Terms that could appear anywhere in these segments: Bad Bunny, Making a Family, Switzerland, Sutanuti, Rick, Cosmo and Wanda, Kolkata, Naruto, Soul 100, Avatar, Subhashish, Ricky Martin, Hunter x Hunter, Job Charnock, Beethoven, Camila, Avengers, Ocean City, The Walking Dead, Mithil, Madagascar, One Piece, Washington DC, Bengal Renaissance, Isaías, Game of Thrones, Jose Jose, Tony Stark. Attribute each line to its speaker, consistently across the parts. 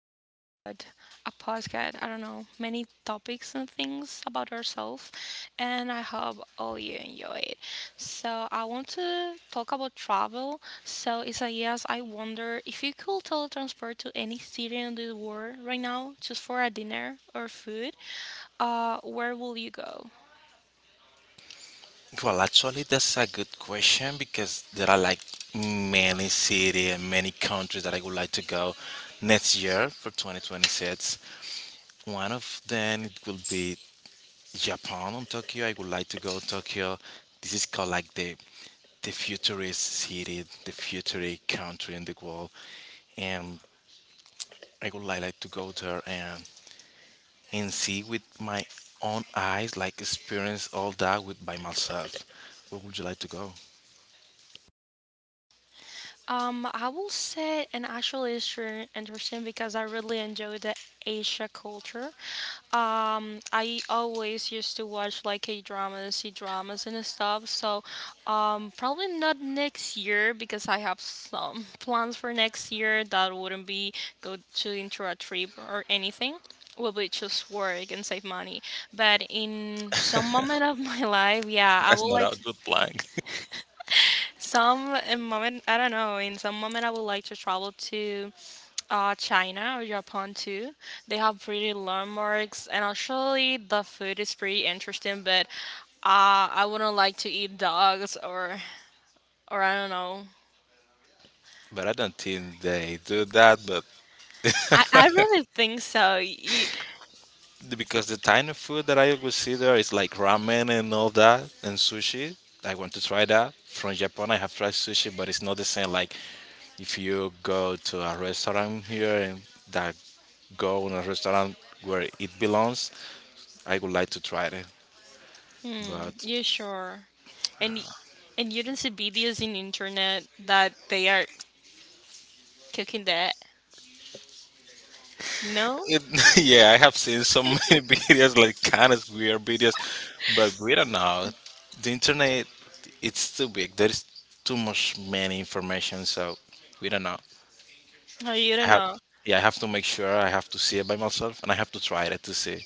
Speaker 1: to talk about a podcast. I don't know, many topics and things about ourselves, and I hope all you enjoy it. So I want to talk about travel. So Isaías, I wonder if you could teletransport to any city in the world right now, just for a dinner or food, where will you go?
Speaker 2: Well, actually, that's a good question because there are like many city and many countries that I would like to go next year for 2026. One of them it will be Japan and Tokyo. I would like to go Tokyo. This is called like the futurist city, the futurist country in the world, and I would like to go there and see with my own eyes, like experience all that with by myself. Where would you like to go?
Speaker 1: I will say an actual issue interesting because I really enjoy the Asia culture. I always used to watch like K dramas, C dramas, and stuff. So, probably not next year because I have some plans for next year that wouldn't be go to into a trip or anything. Will be just work and save money. But in some moment of my life, yeah, I
Speaker 2: That's
Speaker 1: would
Speaker 2: not
Speaker 1: like
Speaker 2: a good plan.
Speaker 1: some moment, I don't know, in some moment I would like to travel to China or Japan too. They have pretty landmarks and actually the food is pretty interesting, but I wouldn't like to eat dogs or I don't know.
Speaker 2: But I don't think they do that. But
Speaker 1: I really think so. You,
Speaker 2: because the tiny food that I consider is like ramen and all that and sushi. I want to try that. From Japan, I have tried sushi, but it's not the same. Like if you go to a restaurant here and that go in a restaurant where it belongs, I would like to try it.
Speaker 1: mm,
Speaker 2: But
Speaker 1: you sure? And y- and you don't see videos in internet that they are cooking that? No?
Speaker 2: It, yeah, I have seen so many videos, like kind of weird videos, but we don't know. The internet, it's too big. There is too much many information, so we don't know.
Speaker 1: Oh, you
Speaker 2: I
Speaker 1: don't
Speaker 2: have,
Speaker 1: know.
Speaker 2: yeah, I have to make sure I have to see it by myself, and I have to try it to see.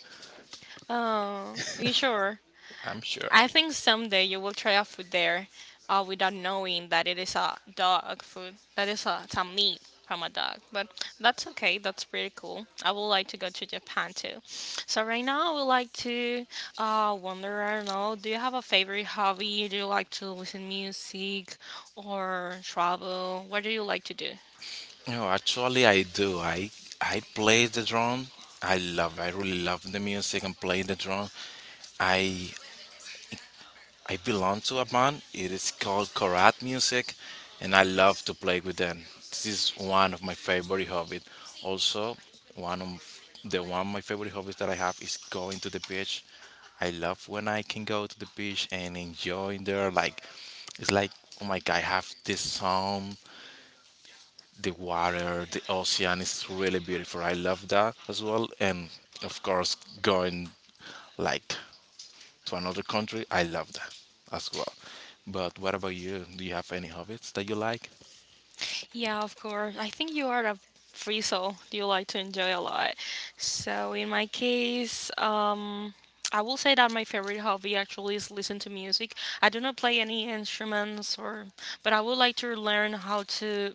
Speaker 1: Oh, you sure?
Speaker 2: I'm sure.
Speaker 1: I think someday you will try a food there without knowing that it is a dog food. That is a, it's a meat from a dog. But that's okay. That's pretty cool. I would like to go to Japan too. So right now I would like to wonder, I don't know, do you have a favorite hobby? Do you like to listen music or travel? What do you like to do?
Speaker 2: No, actually, I do. I play the drum. I love. I really love the music and play the drum. I I belong to a band. It is called Korat Music, and I love to play with them. This is one of my favorite hobbies. Also, one of one of my favorite hobbies that I have is going to the beach. I love when I can go to the beach and enjoy there. Like it's like oh my god, I have this sound, the water, the ocean is really beautiful. I love that as well, and of course, going like to another country. I love that as well. But what about you? Do you have any hobbies that you like?
Speaker 1: Yeah, of course. I think you are a free soul. You like to enjoy a lot. So in my case, I will say that my favorite hobby actually is listen to music. I do not play any instruments or, but I would like to learn how to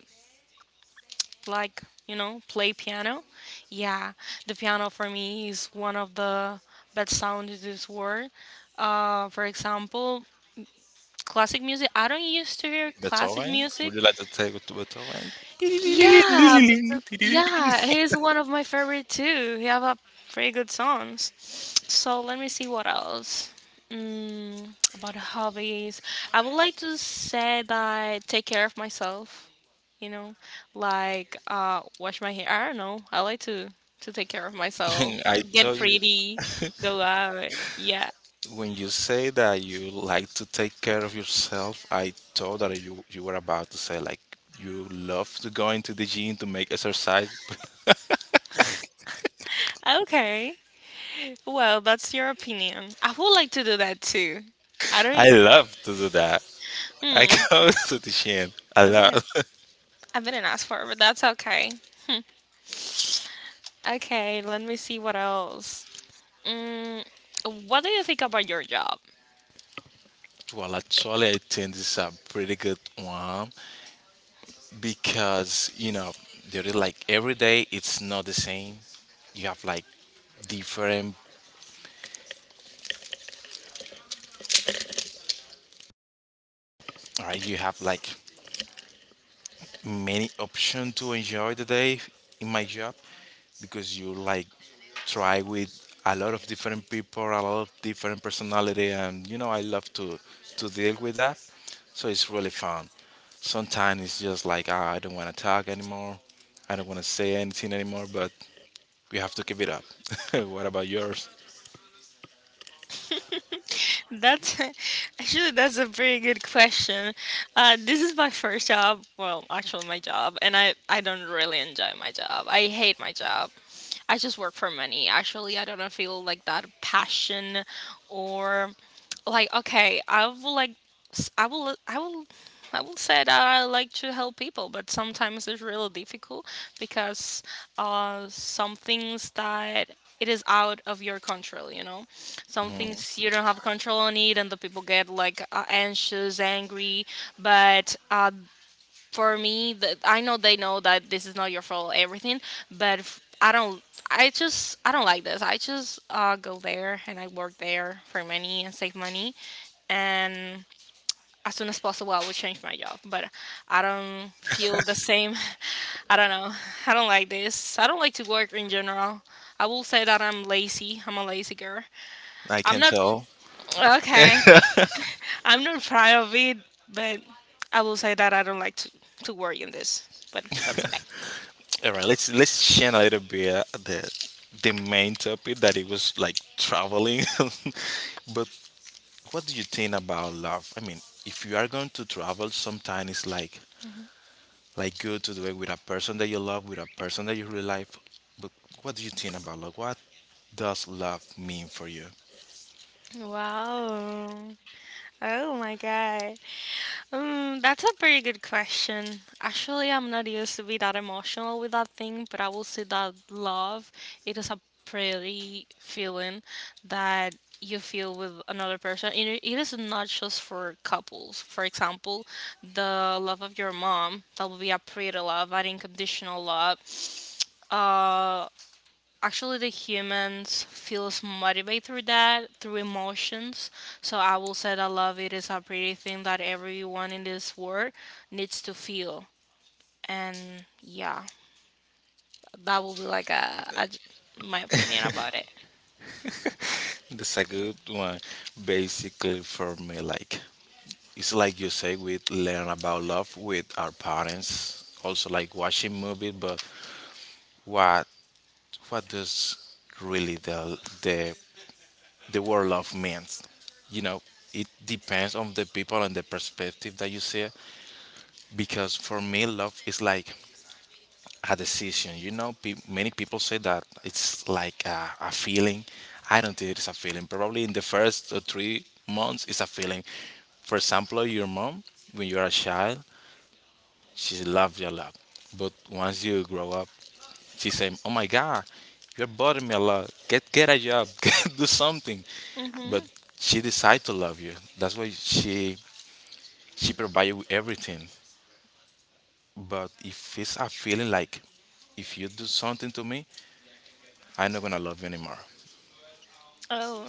Speaker 1: like, you know, play piano. Yeah, the piano for me is one of the best sounds in this world. For example, classic music. I don't used to hear classic
Speaker 2: Beethoven? Would
Speaker 1: music.
Speaker 2: you like to take it to Beethoven?
Speaker 1: Yeah, but the, yeah, he's one of my favorite too. He have a pretty good songs. So let me see what else. Mm, about hobbies, I would like to say that I take care of myself. You know, like wash my hair. I don't know. I like to take care of myself,
Speaker 2: I
Speaker 1: get
Speaker 2: told you
Speaker 1: pretty, go out. Yeah.
Speaker 2: when you say that you like to take care of yourself, I thought that you were about to say like you love to go into the gym to make exercise.
Speaker 1: Okay. Well, that's your opinion. I would like to do that too. I don't.
Speaker 2: I love to do that. I
Speaker 1: Hmm.
Speaker 2: go to the gym a
Speaker 1: Okay.
Speaker 2: lot.
Speaker 1: I didn't ask for it, but that's okay. Okay, let me see what else. Mm, what do you think about your job?
Speaker 2: Well, actually, I think this is a pretty good one. Because you know, they're like every day it's not the same. You have like different, right? You have like many option to enjoy the day in my job because you like try with a lot of different people, a lot of different personality, and you know I love to deal with that. So it's really fun. Sometimes it's just like ah, I don't want to talk anymore, I don't want to say anything anymore, but we have to keep it up. What about yours?
Speaker 1: That's actually that's a pretty good question. This is my first job. Well, actually my job, and I don't really enjoy my job. I hate my job. I just work for money. Actually, I don't feel like that passion or like okay. I will like s- I will I will I would say that I like to help people, but sometimes it's really difficult because some things that it is out of your control, you know. Some
Speaker 2: Mm-hmm.
Speaker 1: things you don't have control on it, and the people get like anxious, angry. But for me, the, I know they know that this is not your fault, everything. I don't. I don't like this. I just go there and I work there for money and save money, and as soon as possible I will change my job. But I don't feel the same. I don't know. I don't like this. I don't like to work in general. I will say that I'm lazy. I'm a lazy girl.
Speaker 2: I
Speaker 1: I'm
Speaker 2: can
Speaker 1: not
Speaker 2: tell.
Speaker 1: okay. I'm not proud of it, but I will say that I don't like to work in this. But that's okay.
Speaker 2: All right, let's share a little bit the main topic that it was like traveling. But what do you think about love? I mean, if you are going to travel, sometimes it's like good to do it with a person that you love, with a person that you really like. But what do you think about love? What does love mean for you?
Speaker 1: Wow. Oh my god. That's a very good question. Actually, I'm not used to be that emotional with that thing, but I will say that love, it is a pretty feeling that you feel with another person. And it is not just for couples. For example, the love of your mom, that will be a pretty love, an unconditional love. Uh, Actually, the humans feels motivated through that, through emotions. So I will say that love it is a pretty thing that everyone in this world needs to feel. And yeah, that will be like my opinion about it.
Speaker 2: That's a good one. Basically, for me, like it's like you say, we learn about love with our parents. Also, like watching movies, but what what does really the word love means? You know, it depends on the people and the perspective that you see it. Because for me, love is like a decision. You know, many people say that it's like a feeling. I don't think it's a feeling. Probably in the first 3 months it's a feeling. For example, your mom, when you are a child, she loves your love. But once you grow up, she said, "Oh my God, you're bothering me a lot. Get a job. Do something." But
Speaker 1: Mm-hmm.
Speaker 2: she decided to love you. That's why she provide you with everything. But if it's a feeling like if you do something to me, I'm not gonna love you anymore.
Speaker 1: Oh,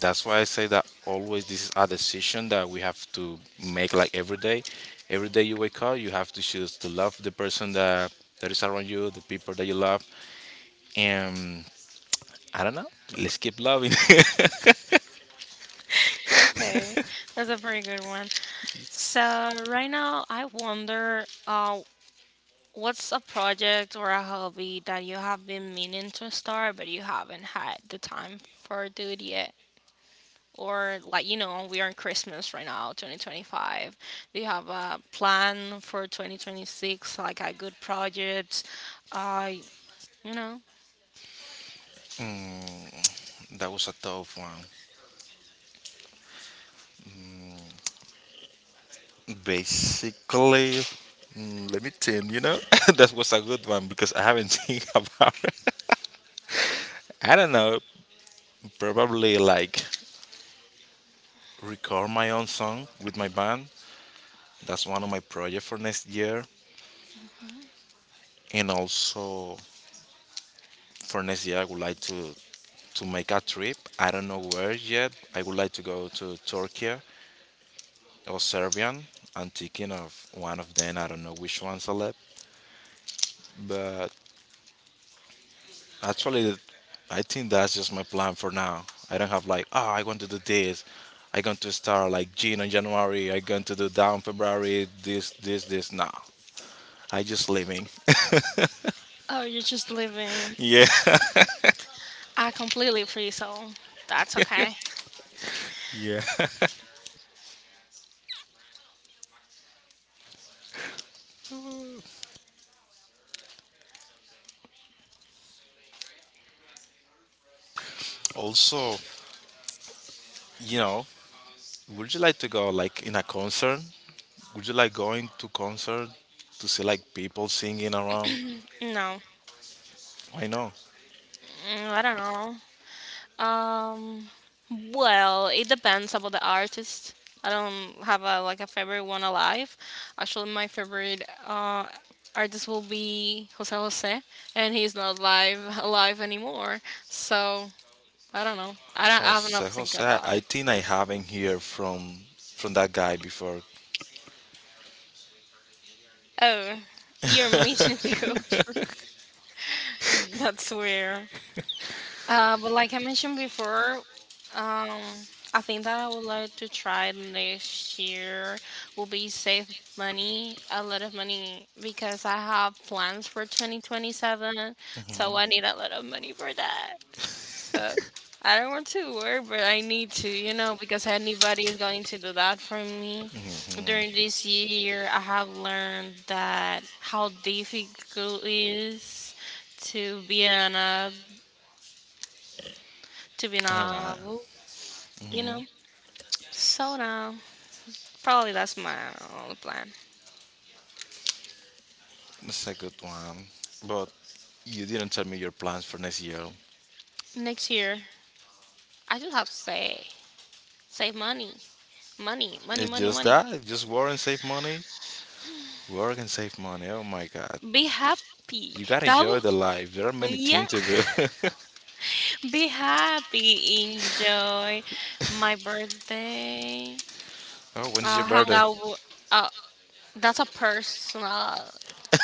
Speaker 2: That's why I say that always this is a decision that we have to make like every day. Every day you wake up, you have to choose to love the person that is around you, the people that you love. And I don't know. Let's keep loving.
Speaker 1: okay. That's a pretty good one. So right now, I wonder, what's a project or a hobby that you have been meaning to start, but you haven't had the time for do it yet? Or like you know we are in Christmas right now, 2025. Do you have a plan for 2026, like a good project? Uh, you know,
Speaker 2: That was a tough one. Mm, Basically, let me think. That was a good one because I haven't think about it. I don't know. Probably like record my own song with my band. That's one of my projects for next year. And also for next year, I would like to make a trip. I don't know where yet. I would like to go to Turkey or Serbian. I'm thinking of one of them. I don't know which one select, but actually, I think that's just my plan for now. I don't have like, oh, I want to do this. I going to start like June on January. I going to do down February. This, this, this. No, I just living.
Speaker 1: oh, you're just living.
Speaker 2: Yeah,
Speaker 1: I completely free so that's okay.
Speaker 2: yeah. Also, you know, would you like to go like in a concert? Would you like going to concert to see like people singing around?
Speaker 1: No,
Speaker 2: I know.
Speaker 1: mm, I don't know. Um, well, it depends about the artist. I don't have a like a favorite one alive. Actually, my favorite artist will be Jose Jose, and he's not live alive anymore. So I don't know. I don't. I haven't
Speaker 2: Jose,
Speaker 1: think
Speaker 2: Jose.
Speaker 1: about it.
Speaker 2: I think I haven't heard from that guy before.
Speaker 1: Oh, you're missing culture. That's weird. But like I mentioned before, um, I think that I would like to try next year will be save money, a lot of money because I have plans for 2027, so I need a lot of money for that. So I don't want to work, but I need to, you know, because anybody is going to do that for me. During this year, I have learned that how difficult it is to be an
Speaker 2: All right.
Speaker 1: adult you know.
Speaker 2: Mm-hmm.
Speaker 1: So now, probably that's my only plan.
Speaker 2: That's a good one. But you didn't tell me your plans for next year.
Speaker 1: Next year, I just have to say, save money, money, money,
Speaker 2: It's
Speaker 1: money,
Speaker 2: just
Speaker 1: money.
Speaker 2: that. It's just work and save money. Work and save money. Oh my God.
Speaker 1: Be happy.
Speaker 2: You gotta
Speaker 1: That
Speaker 2: enjoy
Speaker 1: will,
Speaker 2: the life. There are many
Speaker 1: yeah.
Speaker 2: things to do.
Speaker 1: Be happy. Enjoy my birthday.
Speaker 2: Oh, when is
Speaker 1: Uh,
Speaker 2: your
Speaker 1: hang
Speaker 2: birthday?
Speaker 1: out. w- Uh, that's a personal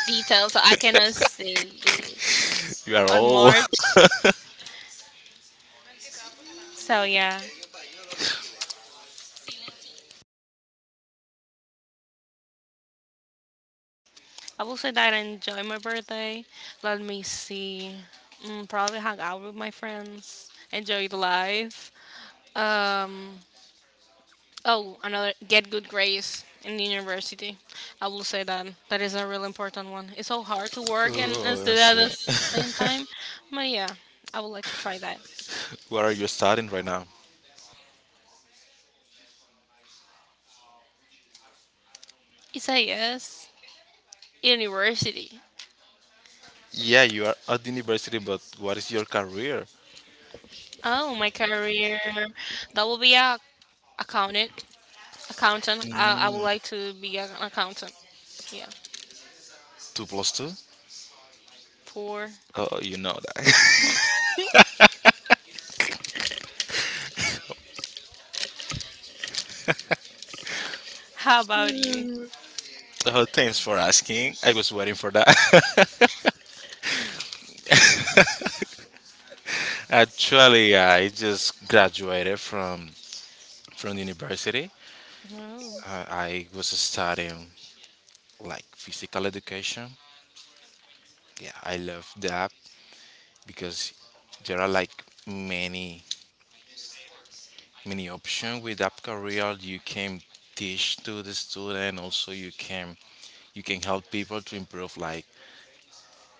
Speaker 1: detail, so I cannot say this
Speaker 2: You are
Speaker 1: on
Speaker 2: old.
Speaker 1: March. So yeah. I will say that I enjoy my birthday. Let me see. Mm, probably hang out with my friends, enjoy the life. Um, oh, another get good grades in university. I will say that that is a really important one. It's so hard to work and
Speaker 2: Oh,
Speaker 1: study
Speaker 2: that's
Speaker 1: at the same
Speaker 2: it.
Speaker 1: time, but yeah, I would like to try that.
Speaker 2: What are you studying right now?
Speaker 1: It's a yes. University.
Speaker 2: Yeah, you are at the university, but what is your career?
Speaker 1: Oh, my career. That will be a accountant. Accountant. I would
Speaker 2: Mm,
Speaker 1: like to be an accountant. Yeah.
Speaker 2: Two plus two?
Speaker 1: For
Speaker 2: Oh, you know that.
Speaker 1: how about you?
Speaker 2: Oh, thanks for asking. I was waiting for that. Actually, I just graduated from university.
Speaker 1: Oh,
Speaker 2: I was studying like physical education. Yeah, I love that because there are like many many options with that career. You can teach to the student. Also, you can help people to improve like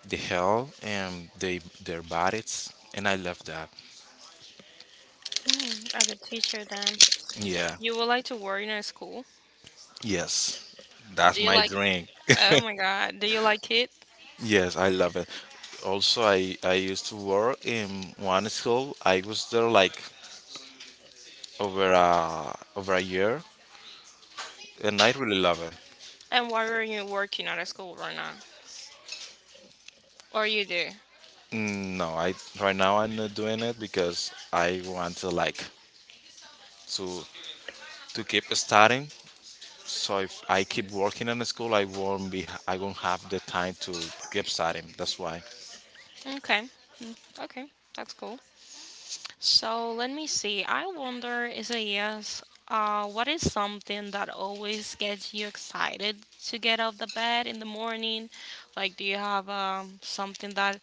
Speaker 2: the health and they their bodies. And I love that.
Speaker 1: hmm, like a good teacher then.
Speaker 2: Yeah.
Speaker 1: You would like to work in a school?
Speaker 2: Yes.
Speaker 1: Do
Speaker 2: That's
Speaker 1: you
Speaker 2: my
Speaker 1: like?
Speaker 2: dream.
Speaker 1: Oh my God, do you like it?
Speaker 2: Yes, I love it. Also, I used to work in one school. I was there like over a year, and I really love it.
Speaker 1: And why are you working at a school right now? Or you do?
Speaker 2: No, I right now I'm not doing it because I want to like to to keep studying. So if I keep working in the school, I won't have the time to keep studying. That's why.
Speaker 1: Okay, mm, okay, that's cool. So let me see. I wonder, is a yes. What is something that always gets you excited to get out of the bed in the morning? Like, do you have something that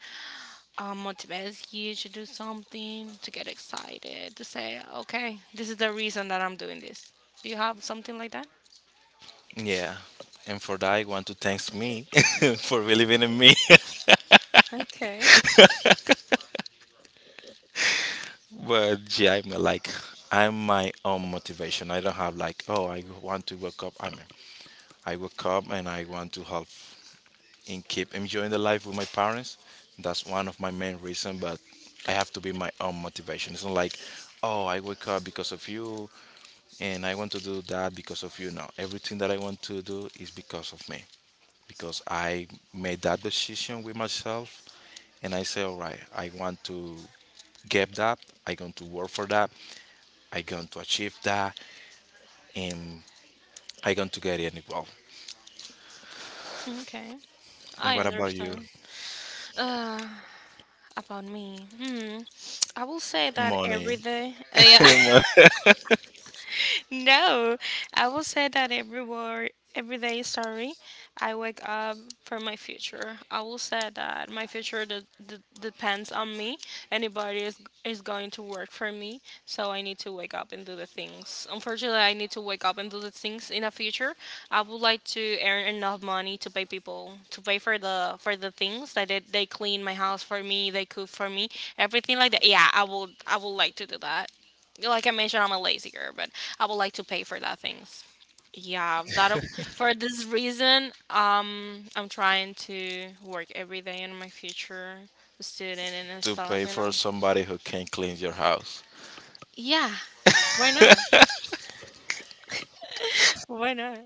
Speaker 1: motivates you to do something, to get excited, to say, okay, this is the reason that I'm doing this. Do you have something like that?
Speaker 2: Yeah. And for that, I want to thanks me for believing in me.
Speaker 1: Okay.
Speaker 2: But yeah, I'm my own motivation. I don't have like oh I want to wake up. I mean, I wake up and I want to help and keep enjoying the life with my parents. That's one of my main reasons, but I have to be my own motivation. It's not like, oh, I wake up because of you and I want to do that because of you. No, everything that I want to do is because of me, because I made that decision with myself and I say, all right, I want to get that, I going to work for that, I going to achieve that, and I going to get it well.
Speaker 1: Okay,
Speaker 2: And
Speaker 1: I
Speaker 2: what about you?
Speaker 1: understand. Uh, about me, hmm, I will say that
Speaker 2: Money.
Speaker 1: every day. Yeah. No, I will say that every word, every day, sorry, I wake up for my future. I will say that my future depends on me. Anybody is going to work for me, so I need to wake up and do the things. Unfortunately, I need to wake up and do the things in the future. I would like to earn enough money to pay people, to pay for the things that they clean my house for me, they cook for me, everything like that. Yeah, I would like to do that like I mentioned, I'm a lazy girl, but I would like to pay for that things. Yeah, that for this reason, I'm trying to work every day in my future student and
Speaker 2: To
Speaker 1: stuff.
Speaker 2: pay
Speaker 1: You
Speaker 2: for
Speaker 1: know.
Speaker 2: somebody who can clean your house.
Speaker 1: Yeah. Why not? Why not?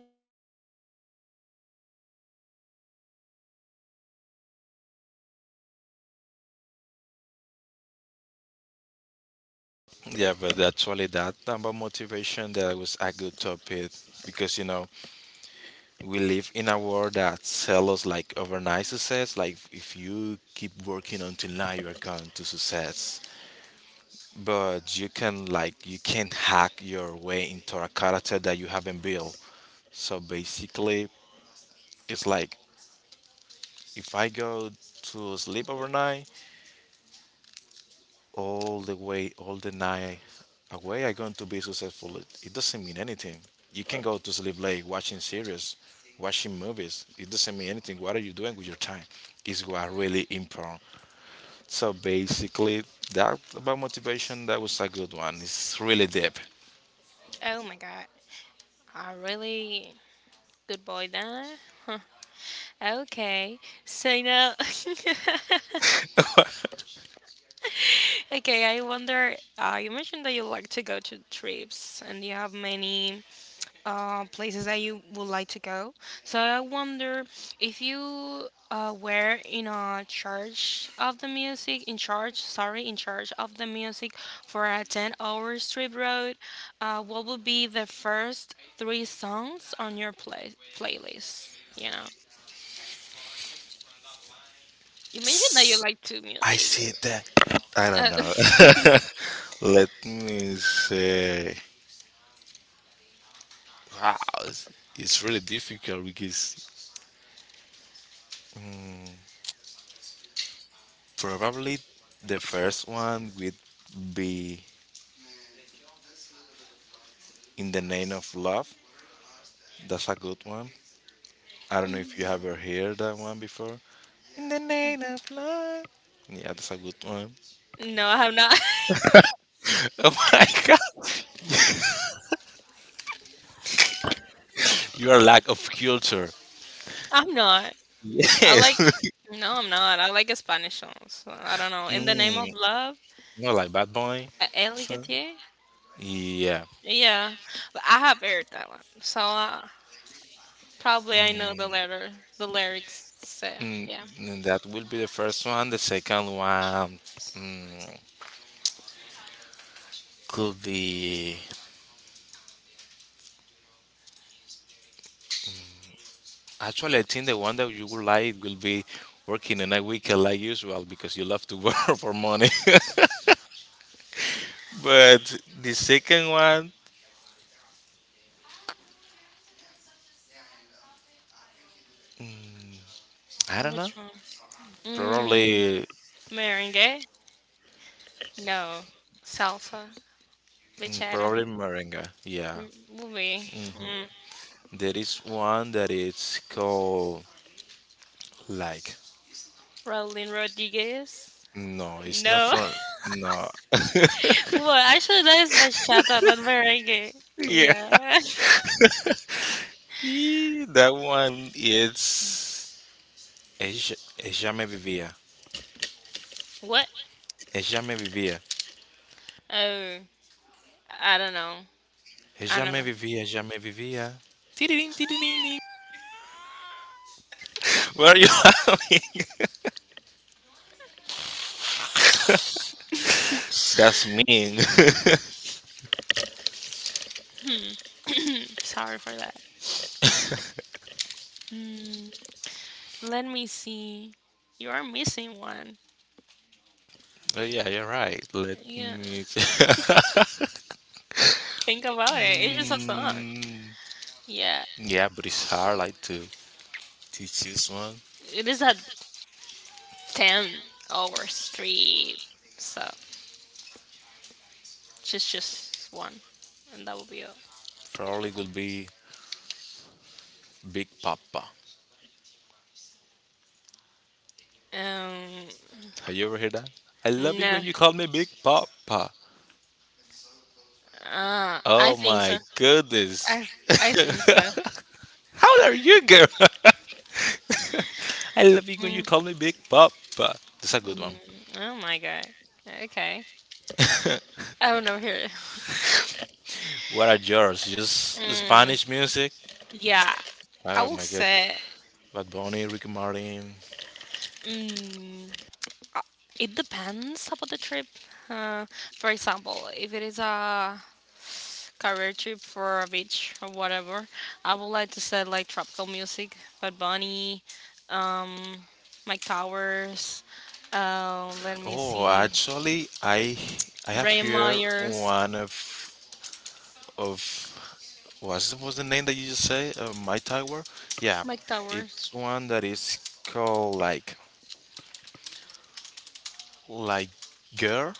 Speaker 2: Yeah, but actually, that about motivation that was a good topic because you know we live in a world that sells us like overnight success. Like if you keep working until now, you are going to success. But you can hack your way into a character that you haven't built. So basically, it's like if I go to sleep overnight, all the way, all the night away are going to be successful. It doesn't mean anything. You can go to sleep late watching series, watching movies. It doesn't mean anything. What are you doing with your time? Is what really important. So basically, that about motivation, that was a good one. It's really deep.
Speaker 1: Oh my god, I really good boy then. Huh. Okay, so now, okay, I wonder. You mentioned that you like to go to trips, and you have many places that you would like to go. So I wonder if you were in a charge of the music, in charge, sorry, in charge of the music for a 10-hour strip road, what would be the first three songs on your playlist? You know, you mentioned that you like to
Speaker 2: I
Speaker 1: music.
Speaker 2: see that. I don't
Speaker 1: Uh,
Speaker 2: know. Let me say, wow, it's, it's really difficult because. mm, Probably the first one would be In the Name of Love. That's a good one. I don't know if you ever heard that one before. In the Name of Love. Yeah, that's a good one.
Speaker 1: no, I have not.
Speaker 2: Oh my god. You are lack of culture.
Speaker 1: I'm not. I
Speaker 2: Yes.
Speaker 1: like. No, I'm not. I like Spanish songs. I don't know. In the name
Speaker 2: mm,
Speaker 1: of love.
Speaker 2: Not like Bad Boy.
Speaker 1: A
Speaker 2: So,
Speaker 1: Eligatier?
Speaker 2: yeah.
Speaker 1: Yeah, but I have heard that one, so probably I know the
Speaker 2: Mm,
Speaker 1: letter, the lyrics. So
Speaker 2: mm,
Speaker 1: yeah,
Speaker 2: that will be the first one. The second one mm, could be. Actually, I think the one that you would like will be working in a weekend like usual because you love to work for money. But the second one, I don't know.
Speaker 1: which one? Mm,
Speaker 2: Probably,
Speaker 1: Merengue? No, salsa,
Speaker 2: mm,
Speaker 1: bachata,
Speaker 2: probably merengue. Yeah.
Speaker 1: movie?
Speaker 2: Hmm.
Speaker 1: mm.
Speaker 2: There is one that is called like.
Speaker 1: Rolling Rodriguez?
Speaker 2: No, it's not
Speaker 1: No.
Speaker 2: from. No.
Speaker 1: What? Actually, that is bachata, not merengue.
Speaker 2: Yeah.
Speaker 1: Yeah.
Speaker 2: That one is. É jamais vivia.
Speaker 1: What?
Speaker 2: É jamais vivia.
Speaker 1: Oh, I don't know.
Speaker 2: É
Speaker 1: I
Speaker 2: jamais
Speaker 1: never.
Speaker 2: vivia. Jamais vivia. What are you laughing? That's mean.
Speaker 1: Hmm. Sorry for that. Let me see. You are missing one.
Speaker 2: Oh yeah, you're right. Let
Speaker 1: Yeah.
Speaker 2: me.
Speaker 1: Think about it. It's just a song.
Speaker 2: Mm,
Speaker 1: Yeah.
Speaker 2: yeah, but it's hard like to choose one.
Speaker 1: It is a 10-hour street. So just one. And that will be all.
Speaker 2: Probably will be Big Papa.
Speaker 1: Um,
Speaker 2: Have you ever heard that? I love it when
Speaker 1: no.
Speaker 2: you call me Big Papa.
Speaker 1: I
Speaker 2: Oh
Speaker 1: think
Speaker 2: my
Speaker 1: so.
Speaker 2: goodness.
Speaker 1: I, I think so.
Speaker 2: How are you, girl? I love it when you
Speaker 1: Mm,
Speaker 2: call me Big Papa. That's a good
Speaker 1: mm,
Speaker 2: one.
Speaker 1: oh my god. Okay. I don't know here.
Speaker 2: What are yours? Just
Speaker 1: Mm,
Speaker 2: Spanish music?
Speaker 1: yeah. I
Speaker 2: Oh
Speaker 1: will
Speaker 2: my god.
Speaker 1: say.
Speaker 2: Bad Bunny, Ricky Martin.
Speaker 1: Mm, Uh, It depends about the trip. Uh, for example, if it is a career trip for a beach or whatever, I would like to set like tropical music, Bad Bunny, um, Mike Towers. Let me
Speaker 2: Oh,
Speaker 1: see,
Speaker 2: actually, I have
Speaker 1: Ray
Speaker 2: here
Speaker 1: Myers,
Speaker 2: one of what's was the name that you just say? My Tower. Yeah,
Speaker 1: Mike
Speaker 2: it's
Speaker 1: Towers.
Speaker 2: one that is called like girl.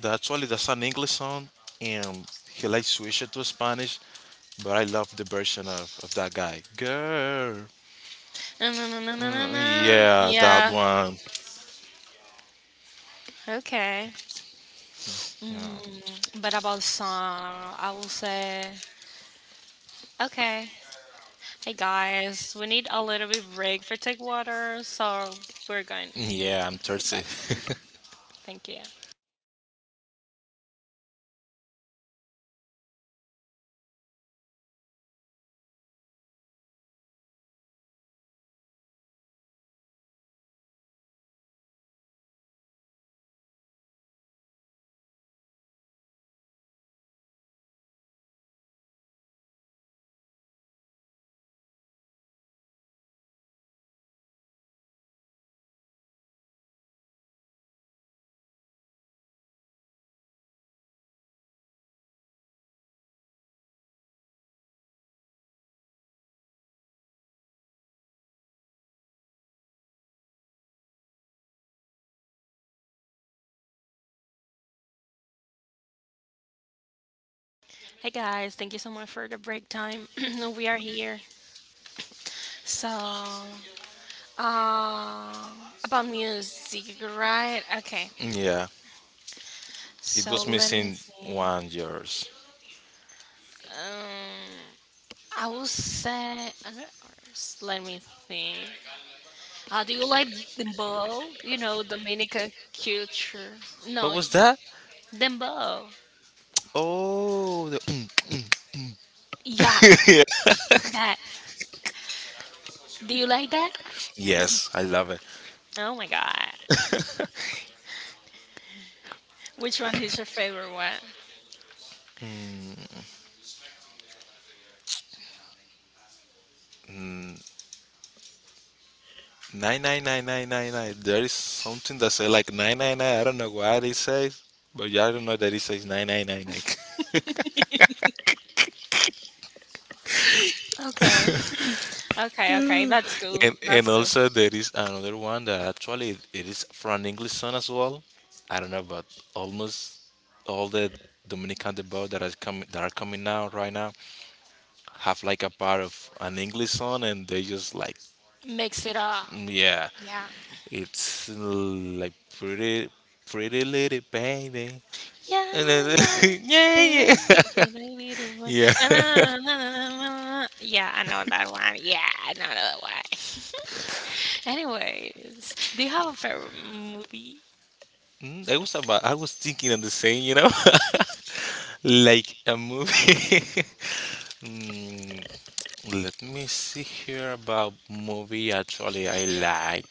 Speaker 2: That actually that's an English song, and he like switched it to Spanish. But I love the version of that guy. Girl.
Speaker 1: Na-na-na-na-na-na.
Speaker 2: Mm, yeah, that
Speaker 1: Yeah.
Speaker 2: one.
Speaker 1: Okay.
Speaker 2: Yeah,
Speaker 1: Mm, but about song, I will say okay. Hey guys, we need a little bit break for take water, so we're going
Speaker 2: yeah, I'm
Speaker 1: goodbye.
Speaker 2: thirsty.
Speaker 1: Thank you. Hey guys, thank you so much for the break time. We are here. So, uh, about music, right? Okay.
Speaker 2: Yeah. It
Speaker 1: So
Speaker 2: was
Speaker 1: let me
Speaker 2: missing
Speaker 1: see.
Speaker 2: one yours.
Speaker 1: Um, I will say another artist. Let me think. Do you like dembow? You know, Dominican culture.
Speaker 2: What
Speaker 1: No,
Speaker 2: was that?
Speaker 1: dembow.
Speaker 2: Oh, the.
Speaker 1: Yeah,
Speaker 2: Yeah.
Speaker 1: that. Do you like that?
Speaker 2: Yes, I love it.
Speaker 1: Oh my god. Which one is your favorite one?
Speaker 2: Mm, nine nine nine nine nine nine. There is something that say like nine nine nine. I don't know why they say, but yeah, I don't know that it says nine nine nine nine.
Speaker 1: Okay. Okay, okay. That's cool.
Speaker 2: And
Speaker 1: That's cool.
Speaker 2: also there is another one that actually it is from an English song as well. I don't know, but almost all the Dominican debut that are coming out right now have like a part of an English song, and they just like.
Speaker 1: Mix it up.
Speaker 2: Mm, yeah,
Speaker 1: Yeah.
Speaker 2: it's like pretty, pretty little baby. And
Speaker 1: Yeah,
Speaker 2: then,
Speaker 1: yeah.
Speaker 2: yeah, yeah, yeah.
Speaker 1: Yeah, I know that one. Yeah, I know that one. Anyways, do you have a favorite movie?
Speaker 2: I was thinking of the same. Like a movie. mm, Let me see here about movie. Actually, I like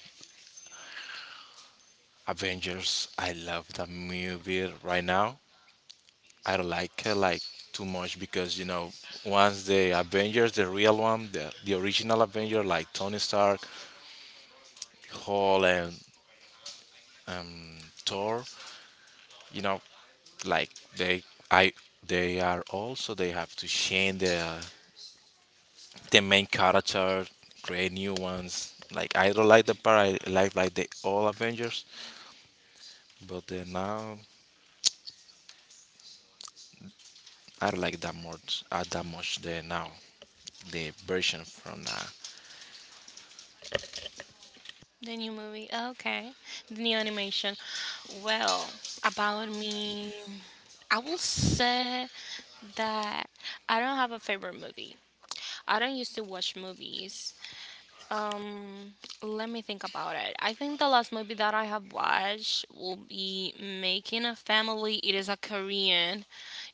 Speaker 2: Avengers. I love the movie right now. I don't like it like too much because you know once the Avengers, the real one, the original Avenger like Tony Stark, hall and um, tour, you know, like they i they are also they have to change the main character, create new ones. Like I don't like the part. I like the all Avengers, but the now I don't like that much, the now, the version from now.
Speaker 1: The new movie? Okay. The new animation. Well, about me, I will say that I don't have a favorite movie. I don't used to watch movies. Um, Let me think about it. I think the last movie that I have watched will be Making a Family. It is a Korean.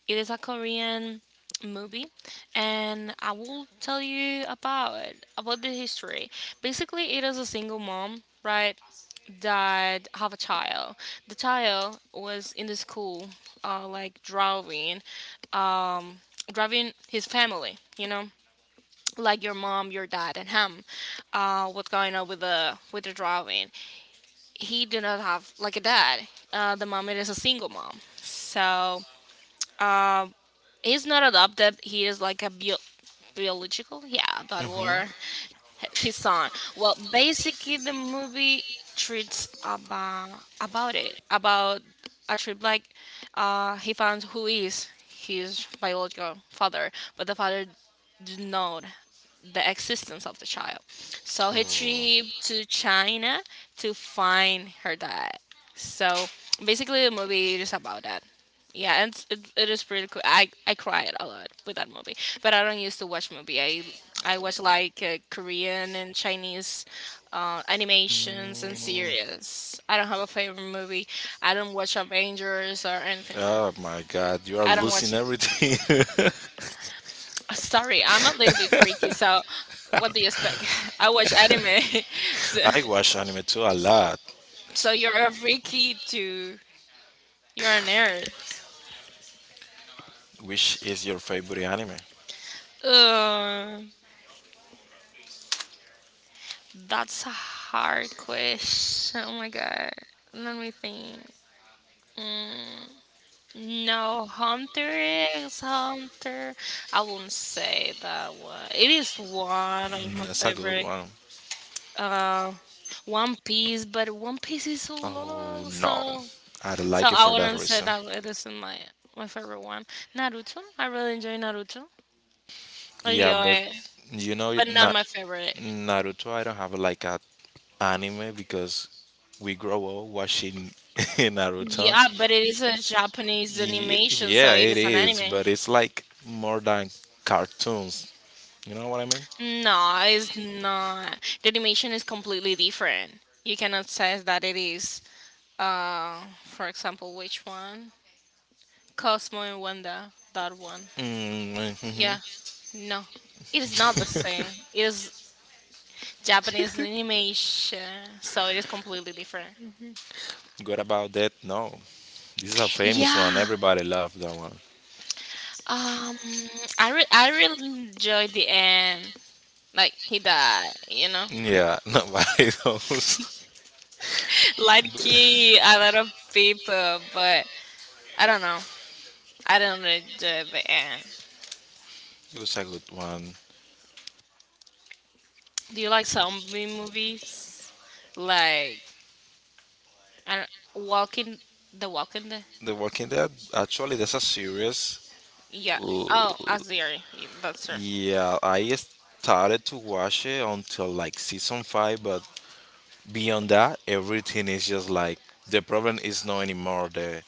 Speaker 1: It is a Korean movie and I will tell you about it, about the history. Basically, it is a single mom, right, that have a child. The child was in the school like driving um driving his family, you know, like your mom, your dad, and him, what's going on with the drawing. He did not have like a dad. The mom is a single mom, so uh, he's not adopted. He is like a biological, yeah, that
Speaker 2: Hmm.
Speaker 1: were his son. Well, basically, the movie treats about a trip like he found who is his biological father, but the father did not the existence of the child. So
Speaker 2: Oh
Speaker 1: he trip to China to find her dad. So basically, the movie is about that. Yeah, and it is pretty cool. I cried a lot with that movie, but I don't used to watch movie. I watch like Korean and Chinese animations and series. I don't have a favorite movie. I don't watch Avengers or anything. Like,
Speaker 2: Oh my god, you are
Speaker 1: I don't
Speaker 2: losing
Speaker 1: watch.
Speaker 2: everything.
Speaker 1: Sorry, I'm a little bit freaky, so what do you expect? I watch anime. So,
Speaker 2: I watch anime too a lot.
Speaker 1: so you're a freaky too. You're a nerd.
Speaker 2: Which is your favorite anime?
Speaker 1: Uh, that's a hard question. Oh my god. Let me think. Mm, no, Hunter x Hunter. I wouldn't say that one. It is one of my
Speaker 2: That's a good
Speaker 1: favorite.
Speaker 2: one.
Speaker 1: Uh, One Piece, but One Piece is so
Speaker 2: Oh
Speaker 1: long,
Speaker 2: no,
Speaker 1: so.
Speaker 2: I don't
Speaker 1: So
Speaker 2: like it
Speaker 1: I
Speaker 2: for that
Speaker 1: wouldn't say
Speaker 2: reason.
Speaker 1: that it isn't my favorite one. Naruto, I really enjoy Naruto. Oh,
Speaker 2: Yeah, but
Speaker 1: yeah,
Speaker 2: it
Speaker 1: but not
Speaker 2: not
Speaker 1: my favorite.
Speaker 2: Naruto. I don't have like a anime because we grow up watching Naruto.
Speaker 1: Yeah, but it is a Japanese
Speaker 2: Ye-
Speaker 1: animation, so
Speaker 2: Yeah,
Speaker 1: it
Speaker 2: it
Speaker 1: is an
Speaker 2: is,
Speaker 1: anime.
Speaker 2: but it's like more than cartoons. You know what I mean?
Speaker 1: No, it's not. The animation is completely different. You cannot say that it is. For example, which one? Cosmo and Wanda. That one.
Speaker 2: Mm, mhm.
Speaker 1: Yeah. No, it is not the same. It is Japanese animation, so it is completely different.
Speaker 2: What about that? No, this is a famous one.
Speaker 1: Yeah.
Speaker 2: Everybody loved that one.
Speaker 1: Um, I really enjoyed the end. Like he died, you know.
Speaker 2: Yeah, nobody knows.
Speaker 1: Like he, a lot of people, but I don't know. I don't enjoy the end.
Speaker 2: It was a good one.
Speaker 1: Do you like zombie movies? Like I don't, Walking the Walking Dead?
Speaker 2: The Walking Dead, actually, there's a series.
Speaker 1: Yeah.
Speaker 2: L-
Speaker 1: Oh, Azir. Yeah, that's her.
Speaker 2: Yeah, I started to watch it until like season 5, but beyond that, everything is just like the problem is not anymore the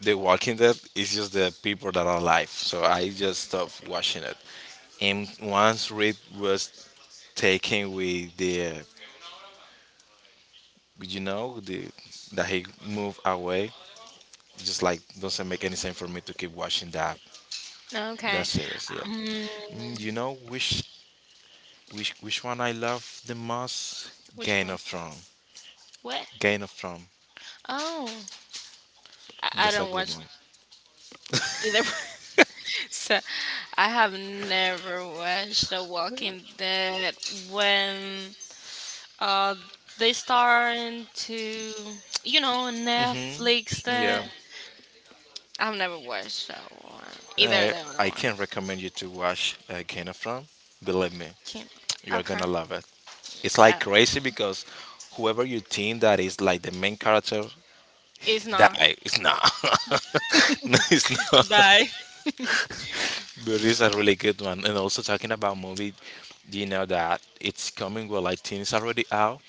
Speaker 2: the Walking Dead. It's just the people that are alive. So I just stopped watching it. And once Rick was taken with the that he moved away, just like doesn't make any sense for me to keep watching that
Speaker 1: Okay.
Speaker 2: that series. Yeah.
Speaker 1: Um,
Speaker 2: You know which one I love the most?
Speaker 1: which
Speaker 2: Game
Speaker 1: one?
Speaker 2: of Thrones.
Speaker 1: What?
Speaker 2: Game of Thrones.
Speaker 1: Oh, I
Speaker 2: That's a
Speaker 1: don't
Speaker 2: good
Speaker 1: watch
Speaker 2: one.
Speaker 1: either. So I have never watched The Walking Dead when uh they starting to, you know,
Speaker 2: Mhm.
Speaker 1: Netflix that.
Speaker 2: Yeah.
Speaker 1: I've never watched that one either
Speaker 2: I
Speaker 1: the other
Speaker 2: I
Speaker 1: one.
Speaker 2: can recommend you to watch Game of Thrones. Believe me,
Speaker 1: Can't-
Speaker 2: you are gonna
Speaker 1: Okay,
Speaker 2: love it. It's like
Speaker 1: uh,
Speaker 2: crazy because whoever you think that is like the main character,
Speaker 1: it's
Speaker 2: that
Speaker 1: not.
Speaker 2: it's not. No, it's not.
Speaker 1: Bye.
Speaker 2: But it's a really good one. And also talking about movie, do you know that it's coming, well, I think it's already out.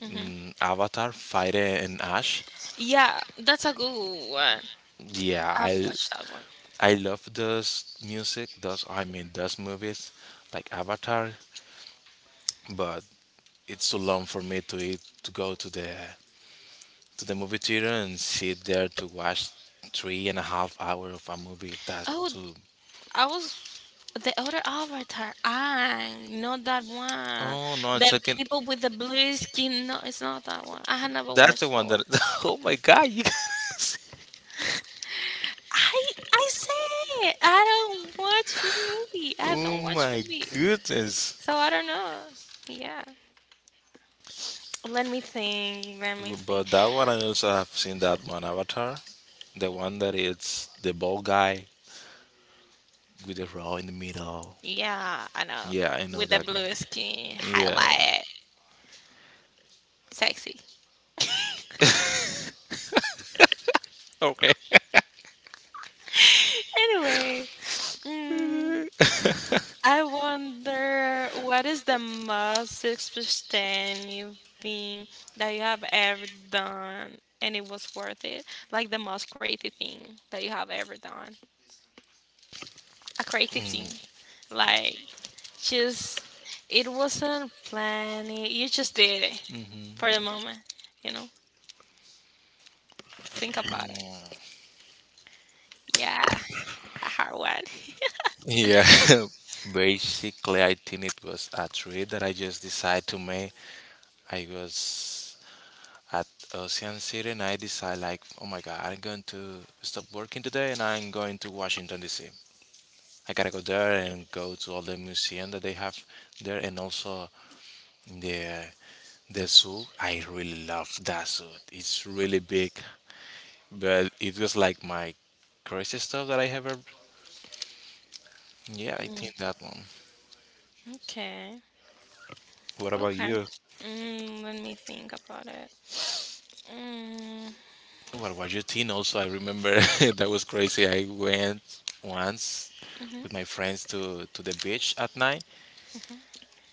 Speaker 1: Hmm.
Speaker 2: Avatar, Fire and Ash.
Speaker 1: Yeah, that's a good one.
Speaker 2: Yeah,
Speaker 1: I've
Speaker 2: I
Speaker 1: watched that one.
Speaker 2: I love those music, those, I mean, those movies like Avatar, but it's too long for me to eat, to go to the movie theater and sit there to watch 3.5 hour of a movie.
Speaker 1: Oh,
Speaker 2: That's too.
Speaker 1: I was the other avatar. I not that one.
Speaker 2: Oh no, I'm
Speaker 1: The
Speaker 2: talking.
Speaker 1: people with the blue skin. No, it's not that one. I had never
Speaker 2: That's the
Speaker 1: watched
Speaker 2: one
Speaker 1: that
Speaker 2: that.
Speaker 1: one.
Speaker 2: Oh my god! You guys.
Speaker 1: I I said I don't watch movie. I
Speaker 2: Oh
Speaker 1: don't watch
Speaker 2: my
Speaker 1: movies.
Speaker 2: goodness.
Speaker 1: So I don't know. Yeah. Let me think. Let me think.
Speaker 2: But that one I also have seen that one Avatar, the one that it's the bald guy with the row in the middle.
Speaker 1: Yeah, I know.
Speaker 2: Yeah, I know
Speaker 1: With the
Speaker 2: that one.
Speaker 1: blue skin,
Speaker 2: Yeah.
Speaker 1: highlight, sexy.
Speaker 2: Okay.
Speaker 1: Anyway, mm, I wonder what is the most expensive thing that you have ever done and it was worth it? Like the most crazy thing that you have ever done. A crazy thing. Like just it wasn't planned. You just did it
Speaker 2: Mm,
Speaker 1: for the moment. You know, think about it. Yeah, a hard one.
Speaker 2: yeah. Basically, I think it was a trade that I just decided to make. I was at Ocean City and I decide like, oh my god, I'm going to stop working today and I'm going to Washington DC. I gotta go there and go to all the museum that they have there and also the the zoo. I really love that zoo. It's really big, but it was like my craziest stuff that I ever. Yeah, I
Speaker 1: Mm,
Speaker 2: think that one.
Speaker 1: okay.
Speaker 2: What about
Speaker 1: Okay.
Speaker 2: you?
Speaker 1: Let me think about it. Mm,
Speaker 2: What about your teen? Also, I remember that was crazy. I went once
Speaker 1: hmm.
Speaker 2: with my friends to the beach at night,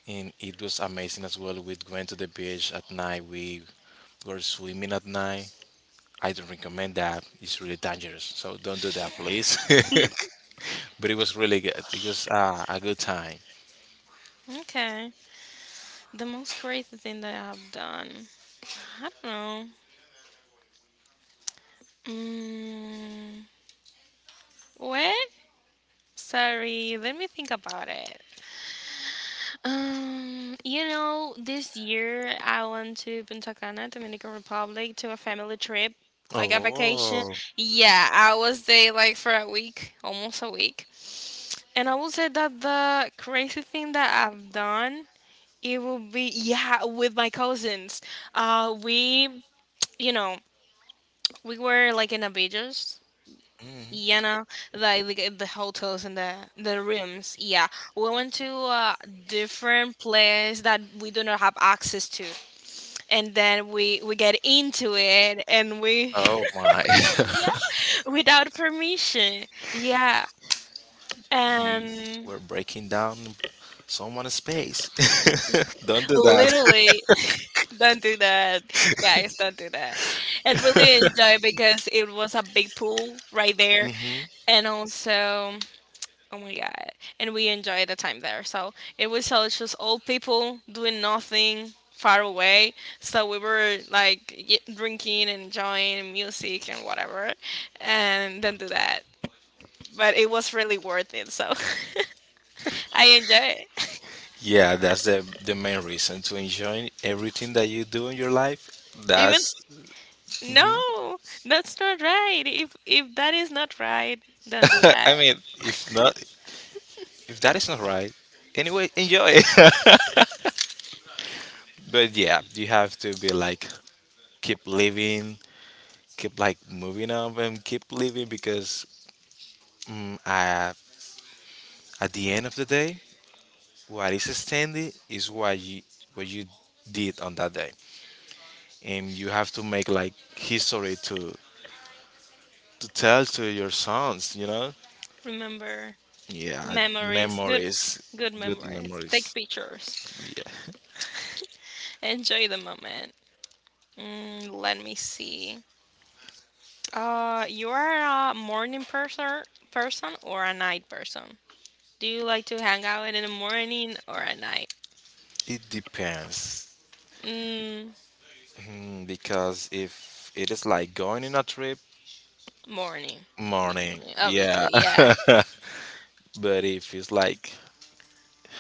Speaker 2: and it was amazing as well. We went to the beach at night. We were swimming at night. I don't recommend that. It's really dangerous. So don't do that, please. But it was really good. It was a good time.
Speaker 1: Okay. The most crazy thing that I've done. I don't know. Mm, what? Sorry. Let me think about it. You know, this year I went to Punta Cana, Dominican Republic, to a family trip, like a vacation.
Speaker 2: Oh,
Speaker 1: Yeah, I was there like for a week, almost a week. And I will say that the crazy thing that I've done, it will be, yeah, with my cousins. Uh, we, you know, we were like in a beaches,
Speaker 2: mhm.
Speaker 1: you know, like the hotels and the rooms. Yeah, we went to a different place that we do not have access to, and then we get into it and we
Speaker 2: Oh my!
Speaker 1: yeah, without permission. Yeah,
Speaker 2: You
Speaker 1: and
Speaker 2: were breaking down someone's space. Don't do that.
Speaker 1: literally don't do that, guys, don't do that. And really enjoy because it was a big pool right there
Speaker 2: Hmm.
Speaker 1: and also oh my god. And we enjoyed the time there. So it was so it's just old people doing nothing far away. So we were like drinking and enjoying music and whatever. And then do that. But it was really worth it. So I enjoy it.
Speaker 2: Yeah, that's the main reason to enjoy everything that you do in your life.
Speaker 1: Even
Speaker 2: That's,
Speaker 1: no, that's not right. If that is not right, then do
Speaker 2: I I
Speaker 1: that.
Speaker 2: mean, if not, if that is not right, anyway, enjoy it. But yeah, you have to be like keep living, keep like moving up and keep living because mm, I, at the end of the day, what is standing is what you did on that day, and you have to make like history to tell to your sons. You know,
Speaker 1: Remember
Speaker 2: yeah,
Speaker 1: memories,
Speaker 2: memories,
Speaker 1: good
Speaker 2: good
Speaker 1: memories.
Speaker 2: memories.
Speaker 1: Take pictures.
Speaker 2: Yeah,
Speaker 1: Enjoy the moment. Let me see. You are a morning person, person or a night person? Do you like to hang out in the morning or at night?
Speaker 2: it depends.
Speaker 1: Mm,
Speaker 2: Hmm, because if it is like going in a trip,
Speaker 1: Morning.
Speaker 2: morning.
Speaker 1: Y-
Speaker 2: Yeah.
Speaker 1: Obviously, yeah,
Speaker 2: But if it's like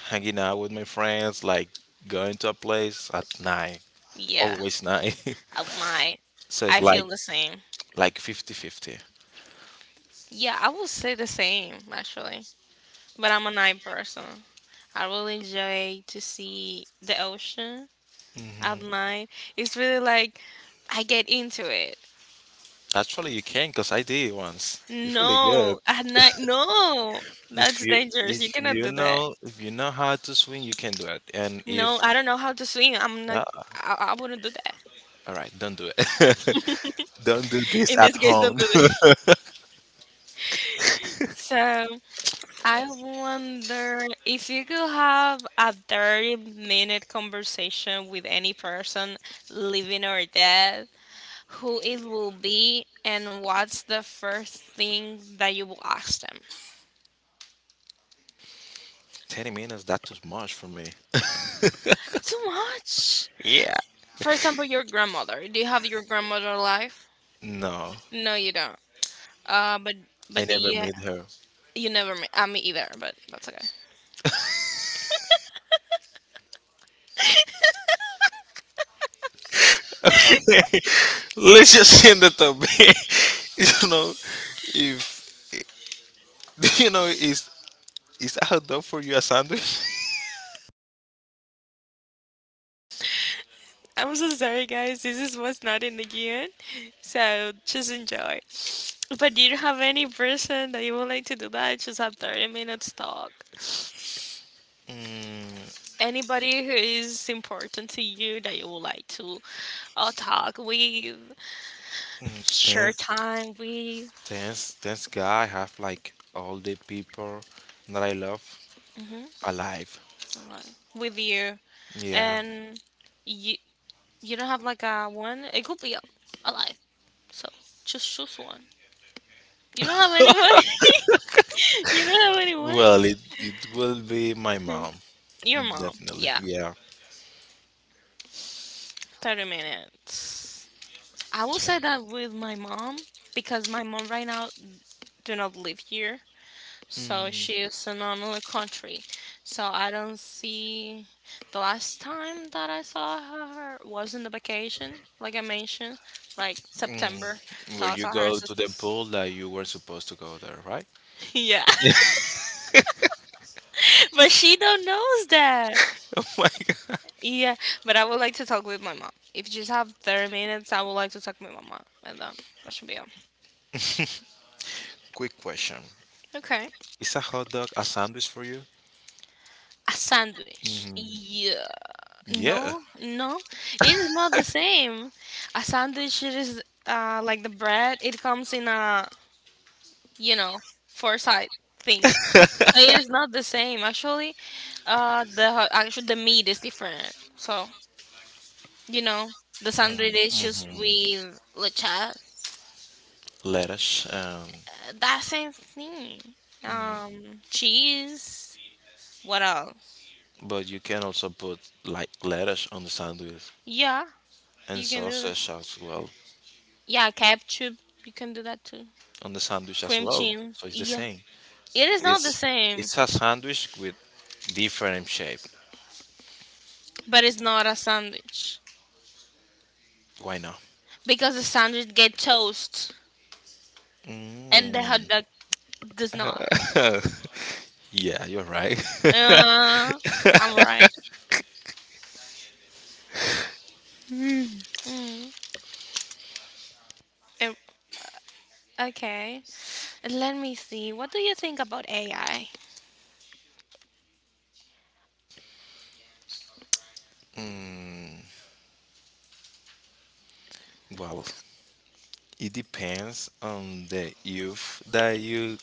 Speaker 2: hanging out with my friends, like going to a place at night,
Speaker 1: yeah.
Speaker 2: always night.
Speaker 1: At night,
Speaker 2: So it's
Speaker 1: I feel
Speaker 2: like
Speaker 1: the same.
Speaker 2: like 50-50.
Speaker 1: Yeah, I will say the same actually. But I'm a night person. I really enjoy to see the ocean at
Speaker 2: Hmm.
Speaker 1: night. It's really like I get into it.
Speaker 2: Actually, you can because I did once. It's really good.
Speaker 1: No, at night, no,
Speaker 2: If
Speaker 1: that's
Speaker 2: you
Speaker 1: dangerous. You
Speaker 2: if
Speaker 1: cannot
Speaker 2: you
Speaker 1: do that.
Speaker 2: know if you know how to swing, you can do it. And if
Speaker 1: No, I don't know how to swim. I'm not.
Speaker 2: uh,
Speaker 1: I wouldn't do that.
Speaker 2: all right, don't do it. Don't do this
Speaker 1: In
Speaker 2: at
Speaker 1: this case, don't
Speaker 2: home.
Speaker 1: do that. So I wonder if you could have a 30-minute conversation with any person, living or dead, who it will be, and what's the first thing that you will ask them.
Speaker 2: 10 minutes, that's too much for me.
Speaker 1: Too much.
Speaker 2: Yeah.
Speaker 1: For example, your grandmother. Do you have your grandmother alive?
Speaker 2: No,
Speaker 1: No, you don't. Uh, but
Speaker 2: I
Speaker 1: but the
Speaker 2: never
Speaker 1: you,
Speaker 2: meet her.
Speaker 1: you never met me either, but that's okay.
Speaker 2: Okay, let's just end it up. you know, if you know, is is hot dog for you a sandwich?
Speaker 1: I'm so sorry, guys. This is what's not in the guion, so just enjoy. But do you have any person that you would like to do that? Just have 30 minutes talk.
Speaker 2: Mm,
Speaker 1: Anybody who is important to you that you would like to talk with, share
Speaker 2: Dance,
Speaker 1: time with,
Speaker 2: dance, dance guy. I have like all the people that I love
Speaker 1: hmm,
Speaker 2: alive.
Speaker 1: with you,
Speaker 2: Yeah.
Speaker 1: and you you don't have like a one. It could be a life. So just choose one. You don't have anyone? You don't have anyone?
Speaker 2: Well, it will be my
Speaker 1: Hmm.
Speaker 2: mom,
Speaker 1: Your mom.
Speaker 2: definitely.
Speaker 1: Yeah.
Speaker 2: Yeah.
Speaker 1: 30 minutes. I will
Speaker 2: Yeah.
Speaker 1: say that with my mom because my mom right now do not live here. So
Speaker 2: Mm,
Speaker 1: she is in another country. So I don't see the last time that I saw her was in the vacation, like I mentioned, like September.
Speaker 2: mm.
Speaker 1: So
Speaker 2: Where
Speaker 1: I
Speaker 2: you
Speaker 1: saw her in
Speaker 2: go to
Speaker 1: September.
Speaker 2: the pool that you were supposed to go there, right?
Speaker 1: Yeah. But she don't knows that.
Speaker 2: Oh my.
Speaker 1: Yeah, but I would like to talk with my mom. If you just have 30 minutes, I would like to talk with my mom. And that should be all.
Speaker 2: Quick question.
Speaker 1: Okay.
Speaker 2: Is a hot dog a sandwich for you?
Speaker 1: A sandwich.
Speaker 2: Hmm.
Speaker 1: Yeah.
Speaker 2: Yeah.
Speaker 1: No, no. It is not the same. A sandwich it is like the bread. It comes in a, you know, four side thing. So it is not the same. Actually, the actually the meat is different. So, you know, the sandwich
Speaker 2: Mm-hmm.
Speaker 1: is just
Speaker 2: Mm-hmm.
Speaker 1: with lechas.
Speaker 2: Lettuce.
Speaker 1: That same thing.
Speaker 2: Mm,
Speaker 1: Cheese. What else?
Speaker 2: but you can also put like lettuce on the sandwich
Speaker 1: Yeah,
Speaker 2: and
Speaker 1: you can do that.
Speaker 2: sausage as well
Speaker 1: Yeah, ketchup. You can do that too.
Speaker 2: on the sandwich as
Speaker 1: Cream
Speaker 2: well.
Speaker 1: cheese.
Speaker 2: So it's the
Speaker 1: Yeah,
Speaker 2: same.
Speaker 1: it is not the
Speaker 2: It's
Speaker 1: same,
Speaker 2: it's a sandwich with different shape.
Speaker 1: but it's not a sandwich
Speaker 2: Why not?
Speaker 1: because the sandwich get toast and the hot
Speaker 2: Mm.
Speaker 1: dog does not.
Speaker 2: Yeah, you're right.
Speaker 1: Uh, I'm right. Mm. Eh, Okay. Let me see. What do you think about AI?
Speaker 2: Mm, well, it depends on the youth that you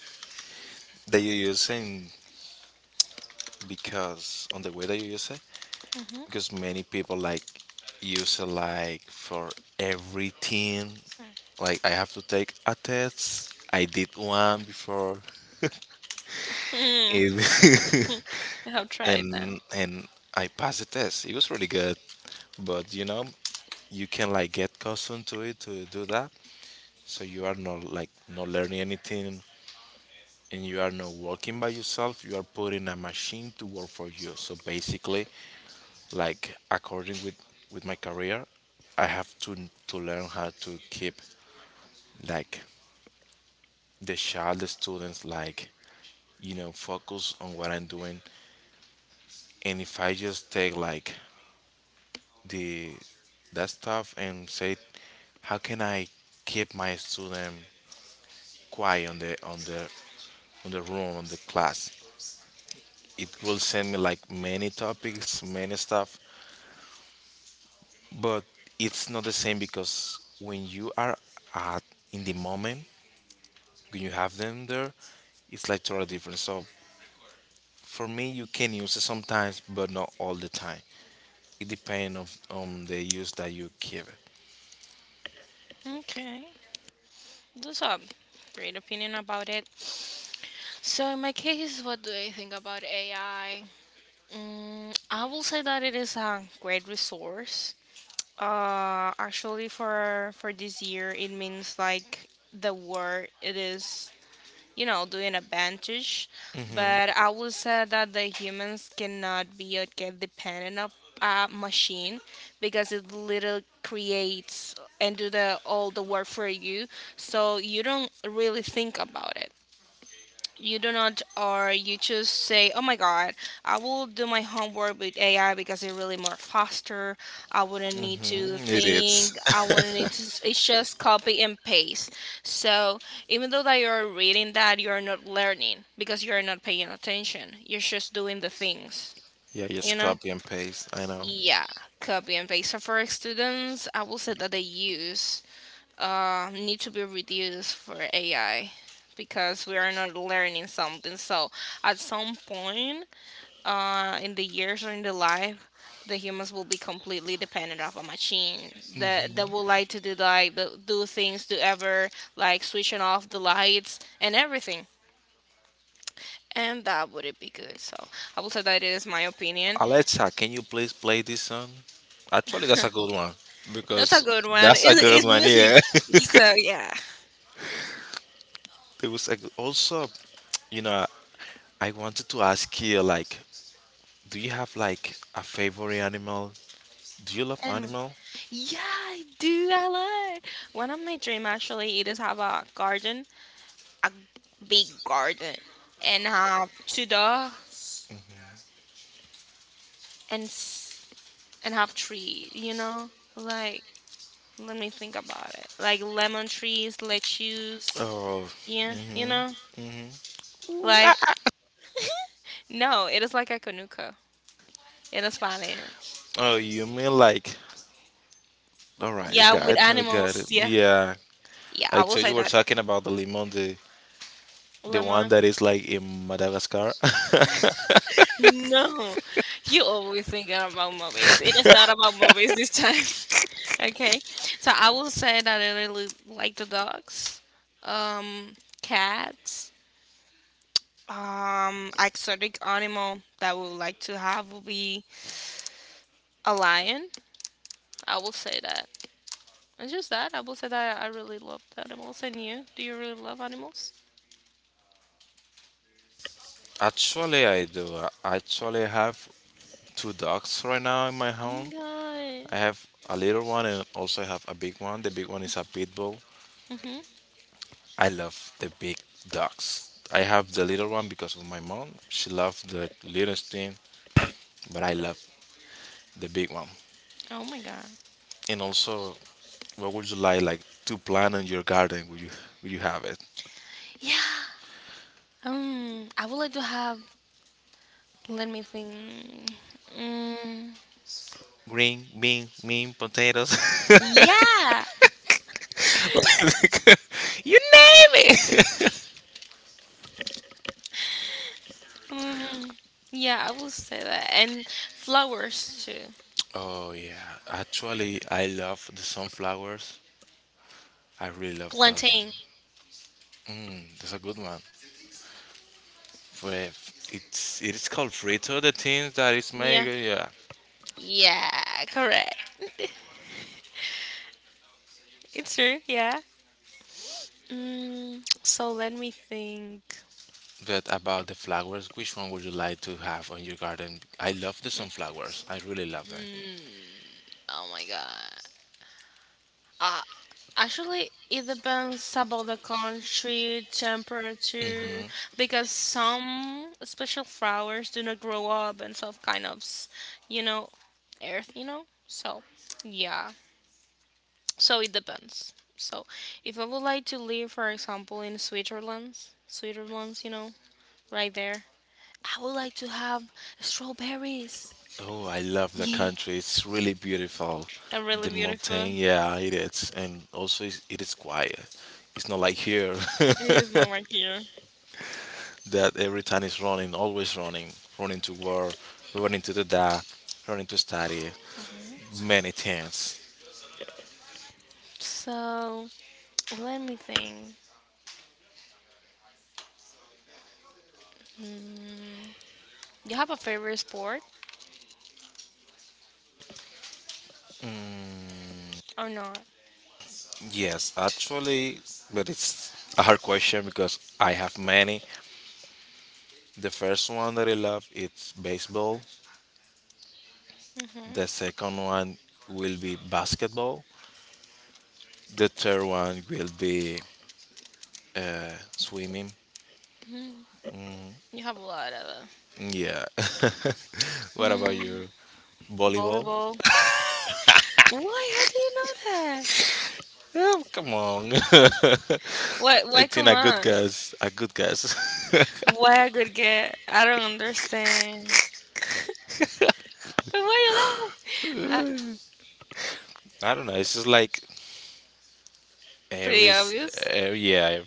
Speaker 2: that you use it because on the way that you use it because
Speaker 1: Mm-hmm.
Speaker 2: many people like use it like for everything like I have to take a test. I did one before
Speaker 1: Mm.
Speaker 2: it-
Speaker 1: You have tried that.
Speaker 2: and I passed the test. It was really good, but you know you can like get accustomed to it to do that, so you are not like not learning anything, and you are not working by yourself. You are putting a machine to work for you. So basically, like according with my career, I have to learn how to keep like the child, the students, like, you know, focus on what I'm doing. And if I just take like the that stuff and say how can I keep my student quiet on the on the room, on the class, it will send me like many topics, many stuff, but it's not the same because when you are at in the moment, when you have them there, it's like totally different. So for me, you can use it sometimes, but not all the time. It depends of on the use that you give it.
Speaker 1: Okay. Do some great opinion about it. So in my case, what do I think about AI? I will say that it is a great resource. Actually, for this year, it means like the war it is, you know, doing a bandage.
Speaker 2: Mm-hmm,
Speaker 1: But I would say that the humans cannot be or get dependent of a machine because it literally creates and do the all the work for you. So you don't really think about it, you do not, or you just say oh my god, I will do my homework with ai because it's really more faster. I wouldn't need to
Speaker 2: mm-hmm, it
Speaker 1: think, I wouldn't need
Speaker 2: is.
Speaker 1: to s- it's just copy and paste. So even though that you're reading, that you're not learning because you're not paying attention, you're just doing the things,
Speaker 2: Yeah,
Speaker 1: you
Speaker 2: just
Speaker 1: know.
Speaker 2: copy and paste. I know.
Speaker 1: Yeah, copy and paste. So for students I will say that they use need to be reduced for AI, because we are not learning something. So at some point, in the years or in the life, the humans will be completely dependent of a machine that will like to do like the, do things to ever, like switching off the lights and everything. And that wouldn't be good. So I will say that it is my opinion.
Speaker 2: Alexa, can you please play this song? Actually, that's a good one
Speaker 1: That's a
Speaker 2: because
Speaker 1: good one. It,
Speaker 2: that's a good
Speaker 1: it's
Speaker 2: one.
Speaker 1: music.
Speaker 2: Yeah,
Speaker 1: So yeah.
Speaker 2: there was a good, also, you know, I wanted to ask you like, do you have like a favorite animal? Do you love
Speaker 1: And
Speaker 2: animal?
Speaker 1: yeah, I do. I like. One of my dream actually it is have a garden, a big garden, and have two dogs
Speaker 2: Mm-hmm.
Speaker 1: and s- and have trees. You know, like, let me think about it. Like lemon trees, lettuce.
Speaker 2: Oh, mm
Speaker 1: Yeah, you
Speaker 2: mhm,
Speaker 1: know,
Speaker 2: mm mhm.
Speaker 1: like, no, it is like a conuco in Spanish.
Speaker 2: Oh, you mean like? All right, I
Speaker 1: Yeah, with
Speaker 2: got it. I got
Speaker 1: animals.
Speaker 2: it.
Speaker 1: Yeah,
Speaker 2: Yeah,
Speaker 1: yeah, I
Speaker 2: I
Speaker 1: will
Speaker 2: thought
Speaker 1: say
Speaker 2: you we're
Speaker 1: that
Speaker 2: talking about the lemon, the one
Speaker 1: lemon.
Speaker 2: that is like in Madagascar.
Speaker 1: No, you always thinking about movies. It is not about movies this time. Okay, so I will say that I really like the dogs, um, cats. Exotic animal that I would like to have will be a lion. I will say that. It's just that I will say that I really love the animals. And you? Do you really love animals?
Speaker 2: Actually, I do. I actually have two dogs right now in my
Speaker 1: Oh my
Speaker 2: home.
Speaker 1: god.
Speaker 2: I have a little one and also I have a big one. The big one is a pit bull.
Speaker 1: Mm-hmm.
Speaker 2: I love the big dogs. I have the little one because of my mom. She loved the little thing, but I love the big one.
Speaker 1: Oh my god.
Speaker 2: And also, what would you like to plant in your garden? Would you have it?
Speaker 1: Yeah. I would like to have. Let me think. Mm,
Speaker 2: Green bean, mean potatoes.
Speaker 1: yeah.
Speaker 2: Like, you name it.
Speaker 1: Mm, yeah, I will say that. And flowers too.
Speaker 2: Oh yeah, actually, I love the sunflowers. I really love that
Speaker 1: Plantain.
Speaker 2: one. Mm, that's a good one. But it is called frito. The thing that is
Speaker 1: Yeah.
Speaker 2: made, yeah.
Speaker 1: Yeah, correct. It's true. Yeah. Mm, so let me think.
Speaker 2: But about the flowers, which one would you like to have on your garden? I love the sunflowers. I really love them.
Speaker 1: Mm, oh my god. Uh, actually, it depends about the country, temperature,
Speaker 2: Hmm.
Speaker 1: because some special flowers do not grow up in some kind of, you know, earth, you know? So, yeah. So it depends. So if I would like to live, for example, in Switzerland, Switzerland, you know, right there, I would like to have strawberries.
Speaker 2: Oh, I love the
Speaker 1: Yeah,
Speaker 2: country. It's really beautiful.
Speaker 1: they're really
Speaker 2: The
Speaker 1: beautiful.
Speaker 2: mountain, yeah, it is, and also it is quiet. It's not like here
Speaker 1: It is one right here.
Speaker 2: that every time is running, always running, running to work, running to the da, running to study, many things.
Speaker 1: So let me think. Mm, you have a favorite sport or not?
Speaker 2: Yes, actually, but it's a hard question because I have many. The first one that I love it's baseball.
Speaker 1: Mm-hmm.
Speaker 2: The second one will be basketball. The third one will be swimming.
Speaker 1: Hmm. You have a lot of
Speaker 2: Yeah. What about
Speaker 1: mm,
Speaker 2: you? Volleyball?
Speaker 1: volleyball. Why? How do you know that?
Speaker 2: Yeah, come on.
Speaker 1: Why?
Speaker 2: I
Speaker 1: Why? Come
Speaker 2: think a good
Speaker 1: on.
Speaker 2: guess. A good guess.
Speaker 1: Why I could get? I don't understand. But why you laugh?
Speaker 2: I don't know. It's just like every,
Speaker 1: Pretty
Speaker 2: s-
Speaker 1: obvious.
Speaker 2: yeah,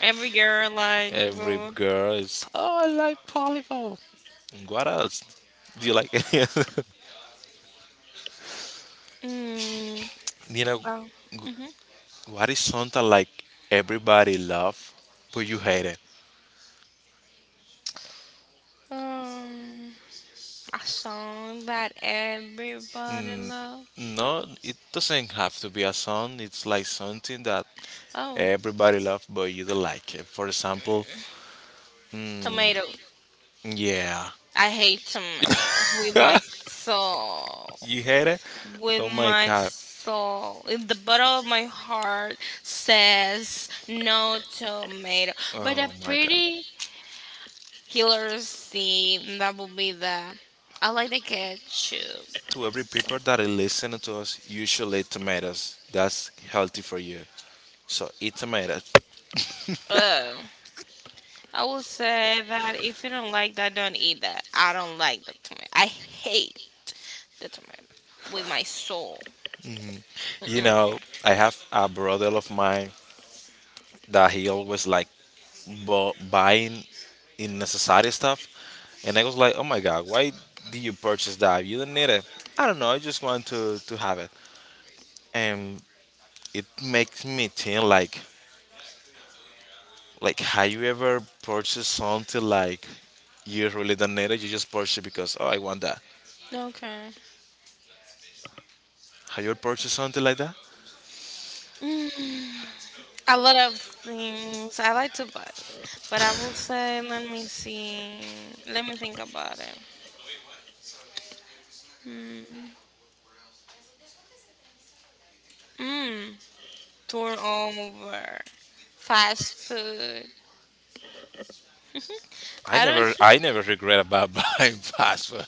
Speaker 1: Every girl like.
Speaker 2: every
Speaker 1: Bro.
Speaker 2: girl is. Oh, I like volleyball. What else? Do you like?
Speaker 1: Mm,
Speaker 2: Know,
Speaker 1: oh, mhm.
Speaker 2: wh- what is something like everybody love, but you hate it?
Speaker 1: Um, a song that everybody
Speaker 2: N-
Speaker 1: love.
Speaker 2: No, it doesn't have to be a song. It's like something that
Speaker 1: Oh,
Speaker 2: everybody loves, but you don't like it. For example, mm,
Speaker 1: tomato.
Speaker 2: yeah,
Speaker 1: I hate tomatoes with my soul.
Speaker 2: you hate it.
Speaker 1: With
Speaker 2: Oh my
Speaker 1: my
Speaker 2: god.
Speaker 1: soul. In the bottom of my heart says no tomato. But a
Speaker 2: Oh my god.
Speaker 1: pretty Healers, the that would be the I like the ketchup.
Speaker 2: To every people that are listening to us, you should eat tomatoes. That's healthy for you. So eat tomatoes.
Speaker 1: Uh, I would say that if you don't like that, don't eat that. I don't like the tomato. I hate the tomato with my soul.
Speaker 2: You
Speaker 1: Mm-mm.
Speaker 2: know, I have a brother of mine that he always like buying unnecessary stuff. And I was like, oh my god, why did you purchase that? You do not need it. I don't know. I just want to have it. And it makes me think like have you ever purchased something like you really don't need it? You just purchase because oh I want that.
Speaker 1: Okay.
Speaker 2: Have you ever purchased something like that?
Speaker 1: Mm, a lot of things I like to buy, but I will say, let me see, let me think about it. Mm. Mm. Turn over fast food. I don't.
Speaker 2: I never regret about buying password.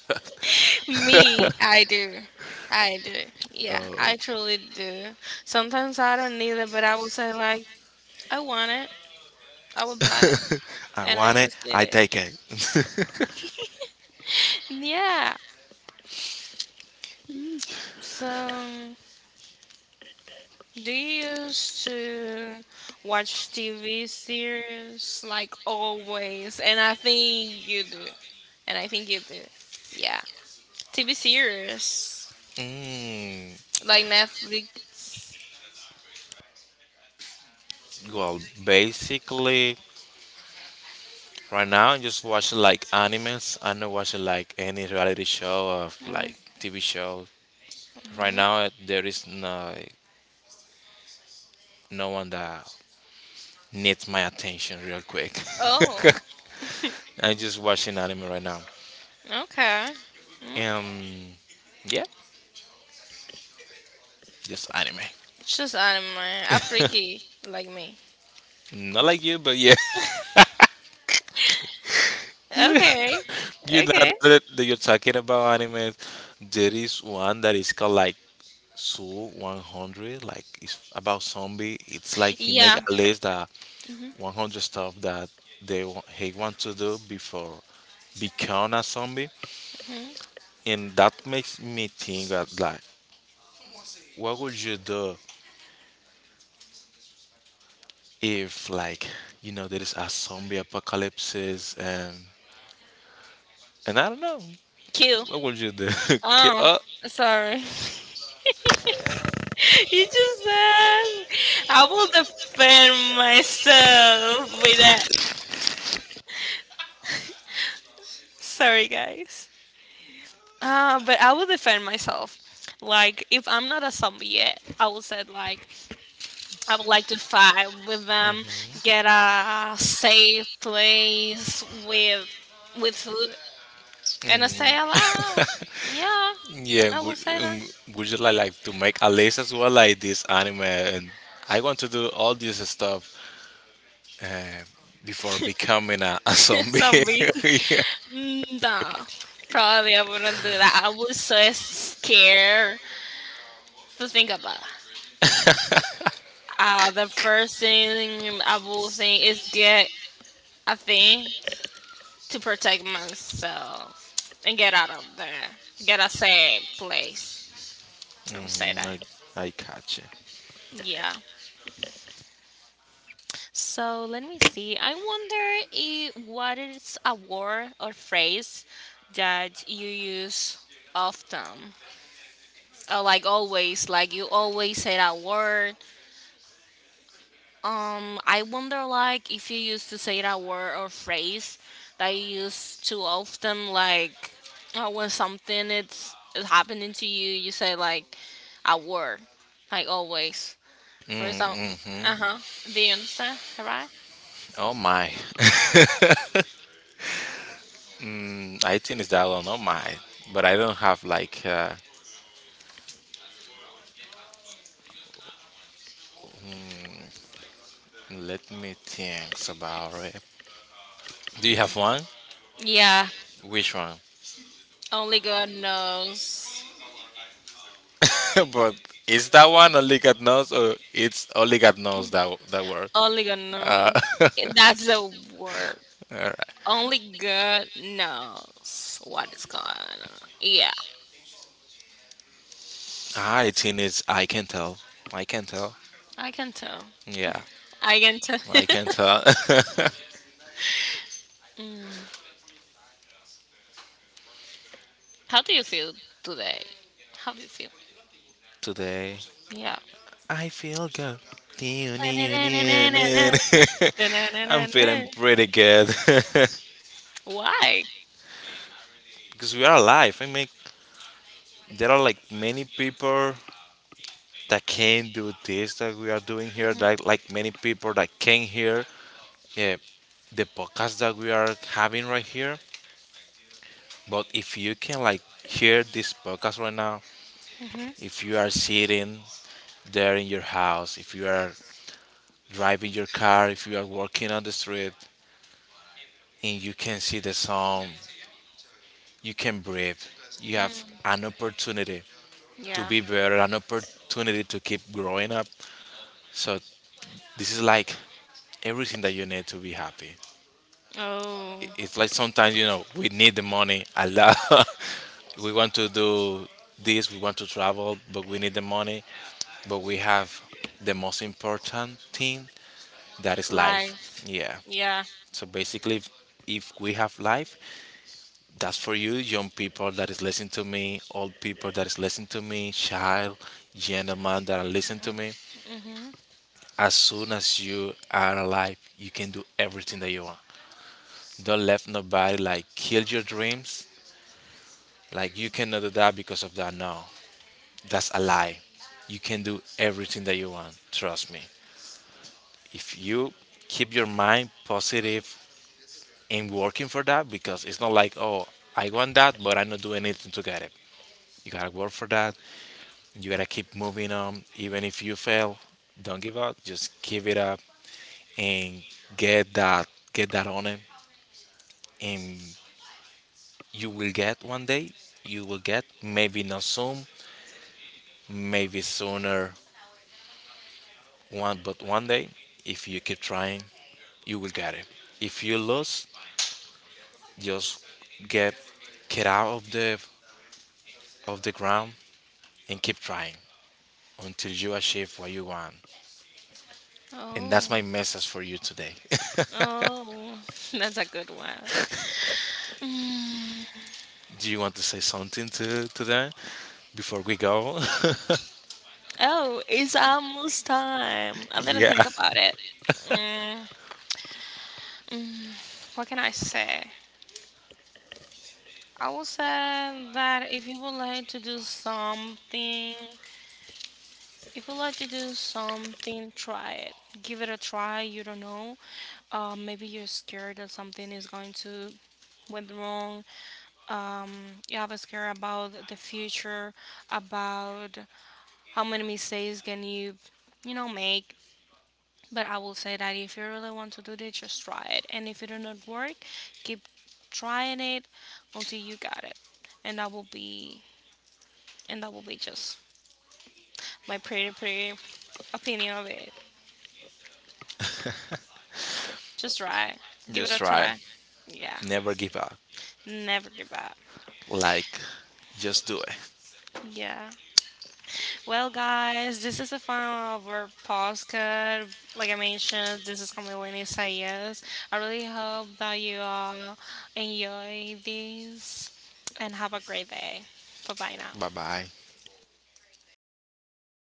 Speaker 1: Me, I do. I do. Yeah,
Speaker 2: Oh.
Speaker 1: I truly do. Sometimes I don't need it, but I will say like, I want it, I will buy it,
Speaker 2: I
Speaker 1: and I
Speaker 2: want it.
Speaker 1: just did
Speaker 2: I
Speaker 1: it.
Speaker 2: take it.
Speaker 1: Yeah. So, do you used to watch TV series like always? And I think you do. And I think you do. Yeah. TV series
Speaker 2: Mm,
Speaker 1: like Netflix.
Speaker 2: well, basically, right now, I'm just watching like animes. I'm not watching like any reality show or
Speaker 1: Mhm.
Speaker 2: like TV show. Right now, there is no one that needs my attention real quick.
Speaker 1: Oh,
Speaker 2: I'm just watching anime right now.
Speaker 1: okay. Mm-hmm.
Speaker 2: Um, yeah, just anime.
Speaker 1: It's just anime. A freaky like me.
Speaker 2: Not like you, but yeah,
Speaker 1: Okay.
Speaker 2: you know
Speaker 1: Okay.
Speaker 2: that, you're talking about anime. There is one that is called like Soul 100. Like it's about zombie. It's like he make
Speaker 1: Yeah.
Speaker 2: a list that
Speaker 1: Hmm.
Speaker 2: 100 stuff that he want to do before become a zombie,
Speaker 1: Hmm.
Speaker 2: and that makes me think that like, what would you do if like there is a zombie apocalypse and I don't know,
Speaker 1: Cute.
Speaker 2: what would you do? Ki-
Speaker 1: Oh,
Speaker 2: uh,
Speaker 1: sorry. You just asked. I will defend myself with that. Sorry, guys. But I will defend myself. Like, if I'm not a zombie yet, I will say, like, I would like to fight with them, get a safe place with food. And I stay
Speaker 2: mm.
Speaker 1: alive. Yeah,
Speaker 2: Yeah,
Speaker 1: I will say that.
Speaker 2: would you like to make a list as well, like this anime? And I want to do all this stuff uh, before becoming a zombie.
Speaker 1: Zombie. Mm, no, probably I wouldn't do that. I was so scared to think about. The first thing I will think is get a thing to protect myself and get out of there. Get a safe place. I will say
Speaker 2: Mhm,
Speaker 1: that.
Speaker 2: I catch it.
Speaker 1: Yeah. So let me see. I wonder if, what is a word or phrase that you use often, like always. Like you always say that word. I wonder like if you used to say that word or phrase that you use too often. Like when something it's is happening to you, you say like a word, like always. For example,
Speaker 2: Mm-hmm.
Speaker 1: uh huh. Do you understand? Right?
Speaker 2: Oh my. I think it's that one. Oh my. But I don't have like. Let me think about it. Do you have one?
Speaker 1: Yeah.
Speaker 2: Which one?
Speaker 1: Only God knows.
Speaker 2: But is that one oligotnos or it's oligotnos that word?
Speaker 1: Only God
Speaker 2: Uh,
Speaker 1: knows. It- That's the word.
Speaker 2: all right.
Speaker 1: Only God knows what is going on. Yeah,
Speaker 2: I think it's I can tell. I can tell.
Speaker 1: I can tell.
Speaker 2: Yeah,
Speaker 1: I can tell.
Speaker 2: I can tell.
Speaker 1: Mm. How do you feel today? How do you feel?
Speaker 2: Today.
Speaker 1: Yeah.
Speaker 2: I feel good. Dee, nee, nee, nee, nee. I'm feeling pretty good
Speaker 1: Why?
Speaker 2: because we are alive. I mean, there are like many people that can do this that we are doing here.
Speaker 1: Hmm.
Speaker 2: Like many people that can hear yeah, the podcast that we are having right here. But if you can like hear this podcast right now, if you are sitting there in your house, if you are driving your car, if you are walking on the street, and you can see the sun you can breathe. You have
Speaker 1: Mm,
Speaker 2: an opportunity to
Speaker 1: yeah.
Speaker 2: be better, an opportunity to keep growing up. So this is like everything that you need to be happy.
Speaker 1: Oh,
Speaker 2: It's like sometimes you know we need the money a lot. We want to do this, we want to travel, but we need the money. But we have the most important thing that is life.
Speaker 1: life.
Speaker 2: Yeah.
Speaker 1: Yeah.
Speaker 2: So basically, if we have life, that's for you, young people that is listening to me, old people that is listening to me, child, gentleman that are listening to me.
Speaker 1: Hmm.
Speaker 2: As soon as you are alive, you can do everything that you want. Don't let nobody like kill your dreams. Like you cannot do that because of that. No, that's a lie. You can do everything that you want. Trust me. If you keep your mind positive and working for that, because it's not like oh I want that, but I'm not doing anything to get it. You gotta work for that. You gotta keep moving on, even if you fail. Don't give up. Just give it up and get that on it, and you will get one day. You will get maybe not soon, maybe sooner. One but one day, if you keep trying, you will get it. If you lose, just get get out of the ground and keep trying until you achieve what you want. And that's
Speaker 1: Oh,
Speaker 2: my message for you today.
Speaker 1: oh, that's a good one. Mm.
Speaker 2: Do you want to say something to them? Before we go.
Speaker 1: Oh, it's almost time. I didn't
Speaker 2: Yeah,
Speaker 1: think about it. Mm, mm, what can I say? I will say that if you would like to do something, if you like to do something, try it. Give it a try. You don't know. Maybe you're scared that something is going to went wrong. Um, you have a scare about the future, about how many mistakes can you, you know, make. But I will say that if you really want to do this, just try it. And if it do not work, keep trying it until you got it. And that will be and that will be just my pretty opinion of it. Just try it. Give it
Speaker 2: just
Speaker 1: a
Speaker 2: try.
Speaker 1: try. Yeah.
Speaker 2: Never give up.
Speaker 1: Never give up.
Speaker 2: Like, just do it.
Speaker 1: Yeah. Well, guys, this is the final of our podcast. Like I mentioned, this is Camilini Sayas. I really hope that you all enjoy this and have a great day. Bye bye now.
Speaker 2: Bye bye.